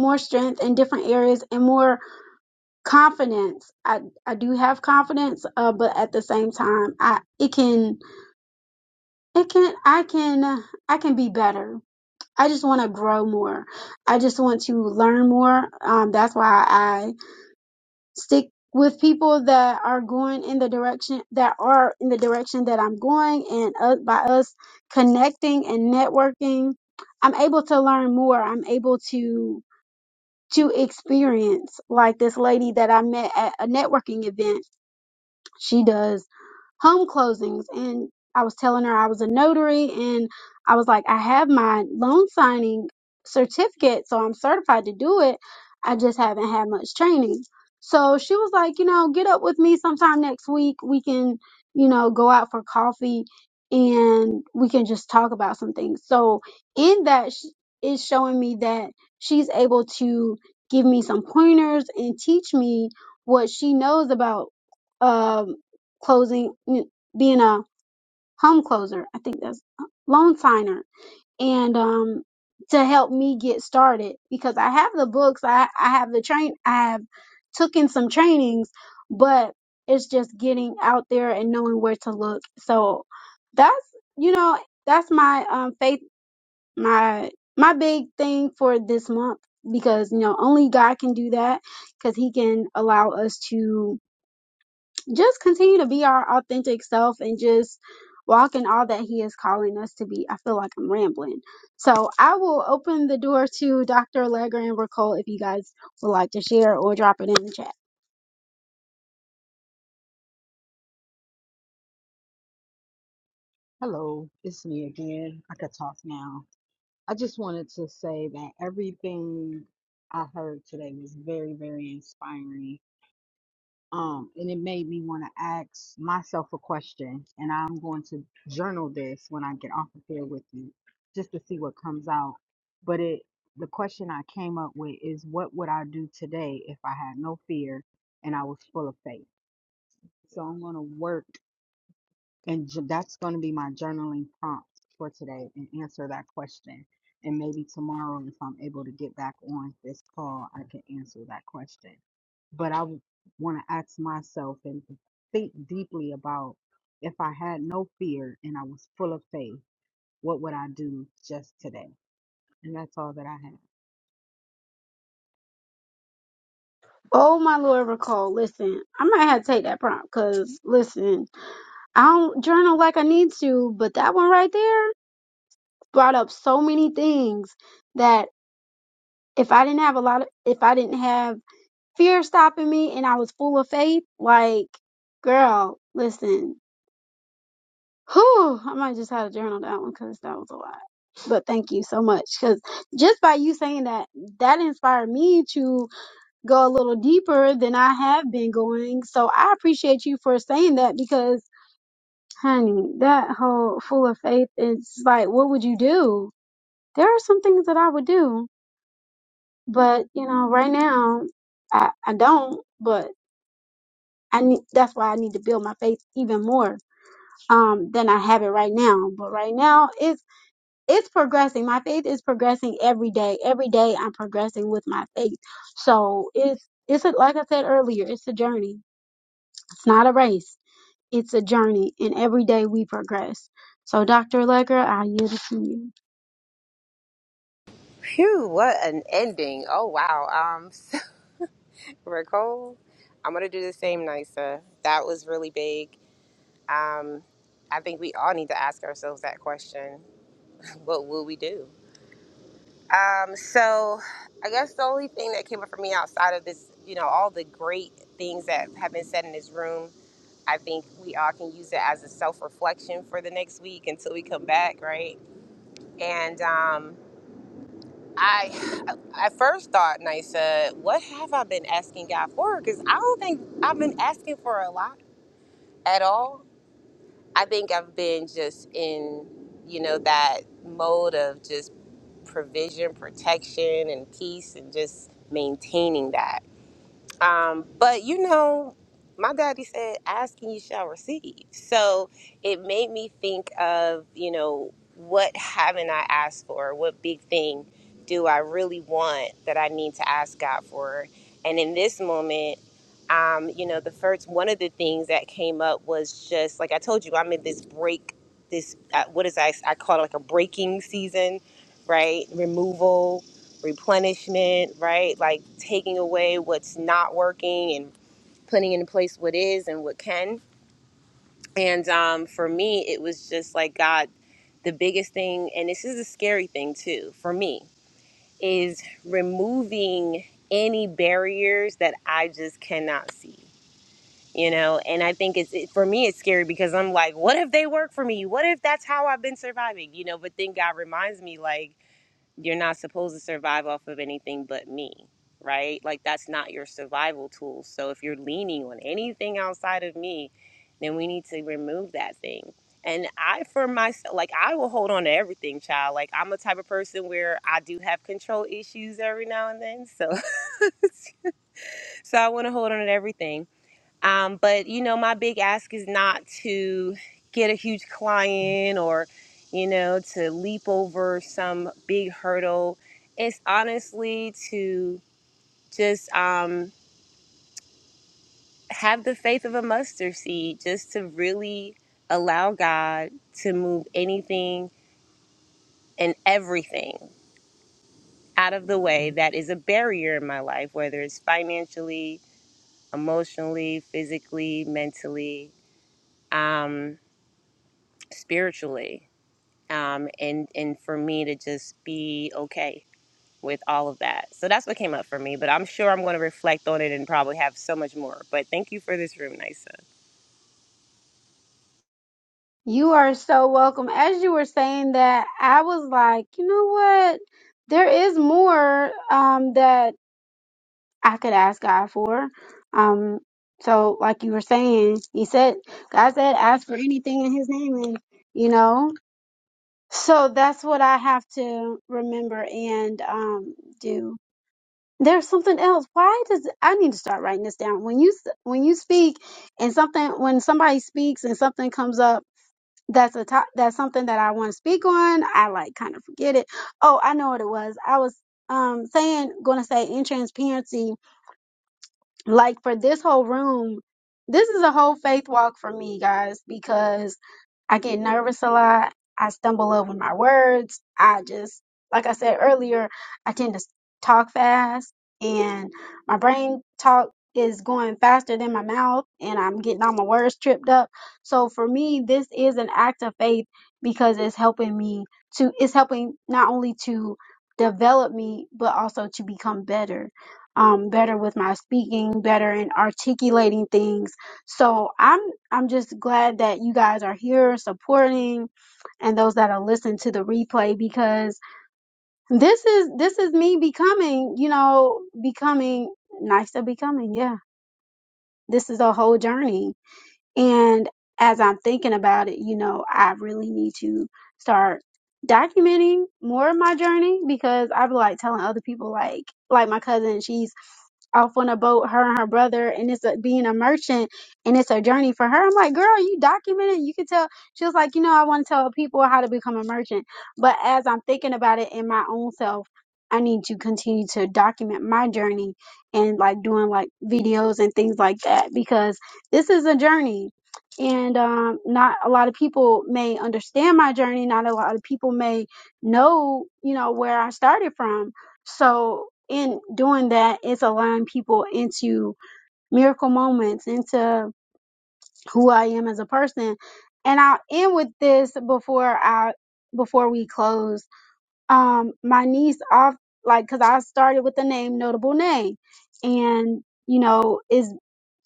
more strength in different areas and more confidence. I I do have confidence, uh, but at the same time, I it can it can I can I can be better. I just want to grow more. I just want to learn more. Um, that's why I. stick with people that are going in the direction that are in the direction that I'm going and uh, by us connecting and networking I'm able to learn more I'm able to to experience like this lady that I met at a networking event she does home closings and I was telling her I was a notary and I was like I have my loan signing certificate so I'm certified to do it I just haven't had much training. So she was like, you know, get up with me sometime next week. We can, you know, go out for coffee and we can just talk about some things. So in that sh- is showing me that she's able to give me some pointers and teach me what she knows about um closing n- being a home closer i think that's uh, loan signer and um to help me get started because i have the books i i have the train i have taken some trainings but it's just getting out there and knowing where to look so that's you know that's my um faith my my big thing for this month because you know only god can do that because he can allow us to just continue to be our authentic self and just walk in all that he is calling us to be. I feel like I'm rambling. So I will open the door to Dr. Allegra and Raquel if you guys would like to share or drop it in the chat.
Hello, it's me again. I could talk now. I just wanted to say that everything I heard today was very, very inspiring. Um, and it made me want to ask myself a question. And I'm going to journal this when I get off of here with you, just to see what comes out. But it, the question I came up with is, what would I do today if I had no fear and I was full of faith? So I'm going to work and j- that's going to be my journaling prompt for today and answer that question. And maybe tomorrow, if I'm able to get back on this call, I can answer that question. But I want to ask myself and think deeply about if I had no fear and I was full of faith, what would I do just today? And that's all that I have.
Oh my Lord, Raquel, listen, I might have to take that prompt because listen, I don't journal like I need to, but that one right there brought up so many things that if I didn't have a lot of, if I didn't have fear stopping me and I was full of faith. Like, girl, listen. Whew, I might just have to journal that one because that was a lot. But thank you so much because just by you saying that, that inspired me to go a little deeper than I have been going. So I appreciate you for saying that because, honey, that whole full of faith is like, what would you do? There are some things that I would do, but you know, right now I, I don't. But I need that's why I need to build my faith even more um than I have it right now. But right now it's it's progressing. My faith is progressing every day. Every day I'm progressing with my faith. So it's it's a, like I said earlier, it's a journey. It's not a race. It's a journey and every day we progress. So Dr. Lecker, I yield it to you.
Phew, what an ending. Oh, wow. Um, so, Nicole, I'm going to do the same, Nisa. That was really big. Um, I think we all need to ask ourselves that question. What will we do? Um, so I guess the only thing that came up for me outside of this, you know, all the great things that have been said in this room, I think we all can use it as a self reflection for the next week until we come back, right? And um, I, I first thought, Nisa, what have I been asking God for? Because I don't think I've been asking for a lot at all. I think I've been just in, you know, that mode of just provision, protection, and peace, and just maintaining that. Um, but you know, my daddy said, "Ask and you shall receive." So it made me think of you know what haven't I asked for? What big thing do I really want that I need to ask God for? And in this moment. Um, you know, the first one of the things that came up was just like I told you, I'm in this break, this uh, what is I I call it like a breaking season, right? Removal, replenishment, right? Like taking away what's not working and putting into place what is and what can. And um, for me, it was just like God, the biggest thing, and this is a scary thing too for me, is removing any barriers that I just cannot see. You know, and I think it's it, for me, it's scary because I'm like, what if they work for me? What if that's how I've been surviving? You know, but then God reminds me, like, you're not supposed to survive off of anything but me, right? Like that's not your survival tool. So if you're leaning on anything outside of me, then we need to remove that thing. And I, for myself, like I will hold on to everything, child. Like I'm a type of person where I do have control issues every now and then, so so I want to hold on to everything um, but you know, my big ask is not to get a huge client or, you know, to leap over some big hurdle. It's honestly to just um, have the faith of a mustard seed, just to really allow God to move anything and everything out of the way that is a barrier in my life, whether it's financially, emotionally, physically, mentally, um, spiritually um, and and for me to just be okay with all of that. So that's what came up for me. But I'm sure I'm going to reflect on it and probably have so much more. But thank you for this room, Nisa.
You are so welcome. As you were saying that, I was like, you know what? There is more um that I could ask God for. Um, so like you were saying, he said, God said, ask for anything in his name and you know, so that's what I have to remember and, um, do. There's something else. Why does I need to start writing this down? When you s- when you speak and something when somebody speaks and something comes up that's a top that's something that I want to speak on, I like kind of forget it. Oh, I know what it was. I was um saying going to say in transparency like for this whole room, this is a whole faith walk for me, guys, because I get nervous a lot. I stumble over my words. I just, like I said earlier, I tend to s- talk fast and my brain talk is going faster than my mouth and I'm getting all my words tripped up. So for me, this is an act of faith because it's helping me to, it's helping not only to develop me, but also to become better. Um, better with my speaking, better in articulating things. So I'm I'm just glad that you guys are here supporting and those that are listening to the replay because this is this is me becoming, you know, becoming nicer, becoming. Yeah. This is a whole journey. And as I'm thinking about it, you know, I really need to start documenting more of my journey because I be like telling other people like like my cousin, she's off on a boat, her and her brother, and it's a, being a merchant, and it's a journey for her. I'm like, girl, you document it, You can tell. She was like, you know, I want to tell people how to become a merchant. But as I'm thinking about it in my own self, I need to continue to document my journey and like doing like videos and things like that because this is a journey and um, not a lot of people may understand my journey not a lot of people may know you know where i started from so in doing that it's allowing people into miracle moments into who i am as a person and i'll end with this before i before we close um my niece off like because i started with the name notable name and you know is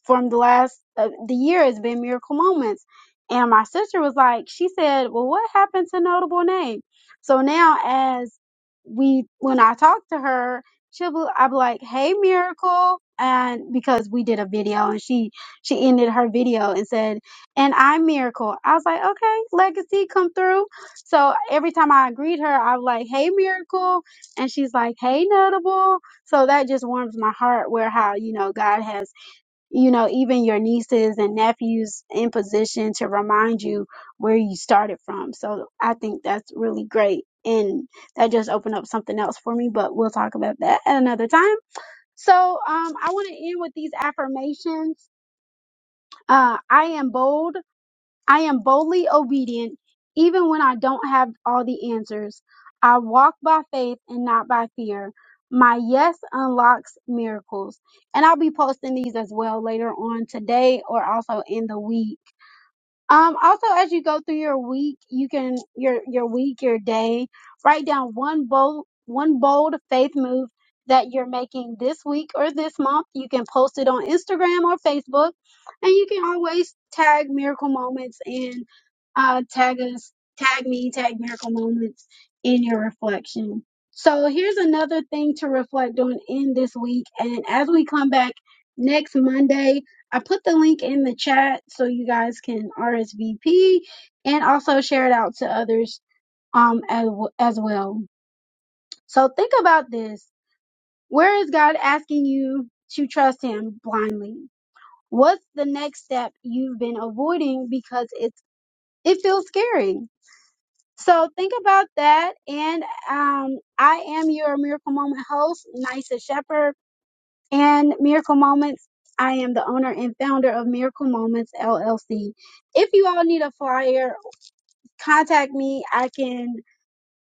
from the last uh, the year has been miracle moments. And my sister was like, she said, "Well, what happened to notable name?" So now, as we when I talk to her, she'll be, I'll be like, "Hey, miracle," and because we did a video, and she she ended her video and said, "And I'm miracle." I was like, "Okay, legacy come through." So every time I greet her, I'm like, "Hey, miracle," and she's like, "Hey, notable." So that just warms my heart where how you know God has you know, even your nieces and nephews in position to remind you where you started from. So I think that's really great. And that just opened up something else for me, but we'll talk about that at another time. So um, I want to end with these affirmations. Uh, I am bold. I am boldly obedient even when I don't have all the answers. I walk by faith and not by fear. My yes unlocks miracles. And I'll be posting these as well later on today or also in the week. Um, also, as you go through your week, you can your your week, your day, write down one bold one bold faith move that you're making this week or this month. You can post it on Instagram or Facebook, and you can always tag Miracle Moments and uh, tag us, tag me, tag Miracle Moments in your reflection. So here's another thing to reflect on in this week, and as we come back next Monday. I put the link in the chat so you guys can RSVP and also share it out to others um as, as well. So think about this. Where is God asking you to trust him blindly? What's the next step you've been avoiding because it's it feels scary? So think about that and um I am your miracle moment host, Nisa Shepherd and Miracle Moments. I am the owner and founder of Miracle Moments LLC. If you all need a flyer, contact me. I can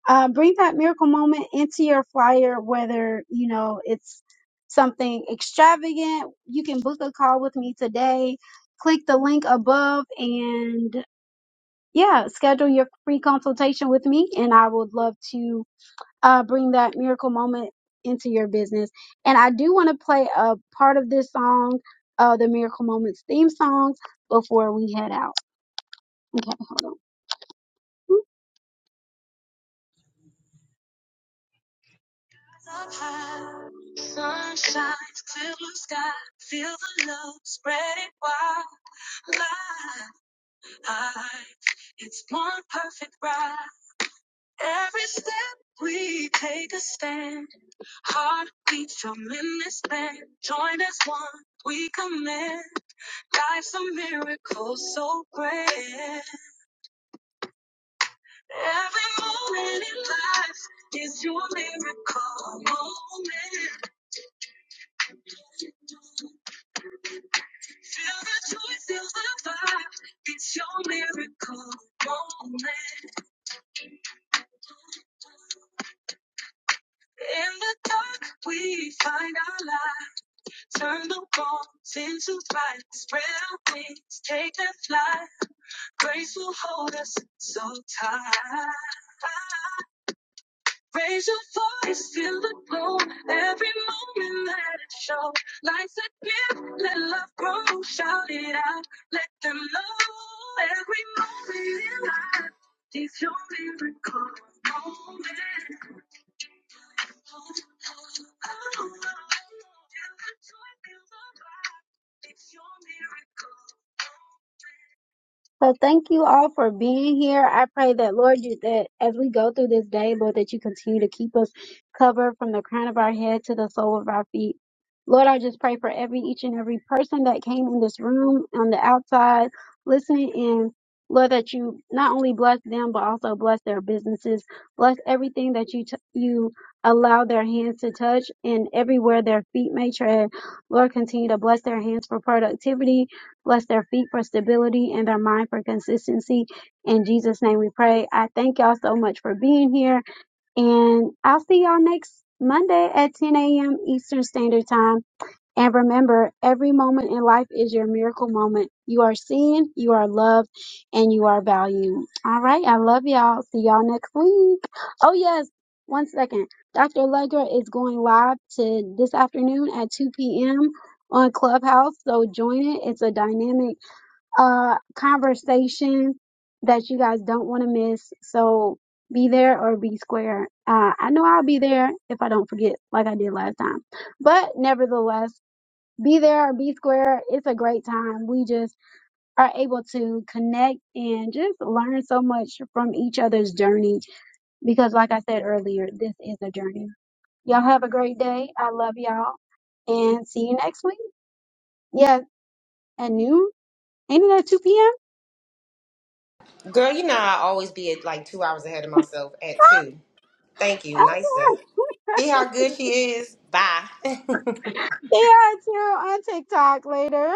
uh, bring that miracle moment into your flyer, whether you know it's something extravagant. You can book a call with me today. Click the link above and yeah, schedule your free consultation with me, and I would love to uh, bring that miracle moment into your business. And I do want to play a part of this song, uh, the Miracle Moments theme song, before we head out. Okay, hold on. So thank you all for being here. I pray that Lord, you that as we go through this day, Lord, that you continue to keep us covered from the crown of our head to the sole of our feet. Lord, I just pray for every each and every person that came in this room on the outside listening in. Lord, that you not only bless them but also bless their businesses, bless everything that you t- you allow their hands to touch, and everywhere their feet may tread. Lord, continue to bless their hands for productivity, Bless their feet for stability and their mind for consistency. In Jesus' name we pray. I thank y'all so much for being here. And I'll see y'all next Monday at 10 a.m. Eastern Standard Time. And remember, every moment in life is your miracle moment. You are seen, you are loved, and you are valued. All right. I love y'all. See y'all next week. Oh, yes. One second. Dr. Allegra is going live to this afternoon at 2 p.m. on Clubhouse. So join it. It's a dynamic uh, conversation that you guys don't want to miss. So be there or be square. Uh, I know I'll be there if I don't forget, like I did last time. But nevertheless, be there or be square. It's a great time. We just are able to connect and just learn so much from each other's journey because, like I said earlier, this is a journey. Y'all have a great day. I love y'all and see you next week. Yes, at noon. Ain't it at 2
Girl, you know I always be at like two hours ahead of myself at two. Thank you, Nisa.
p.m.?
See how good she is? Bye.
Yeah, too on TikTok later.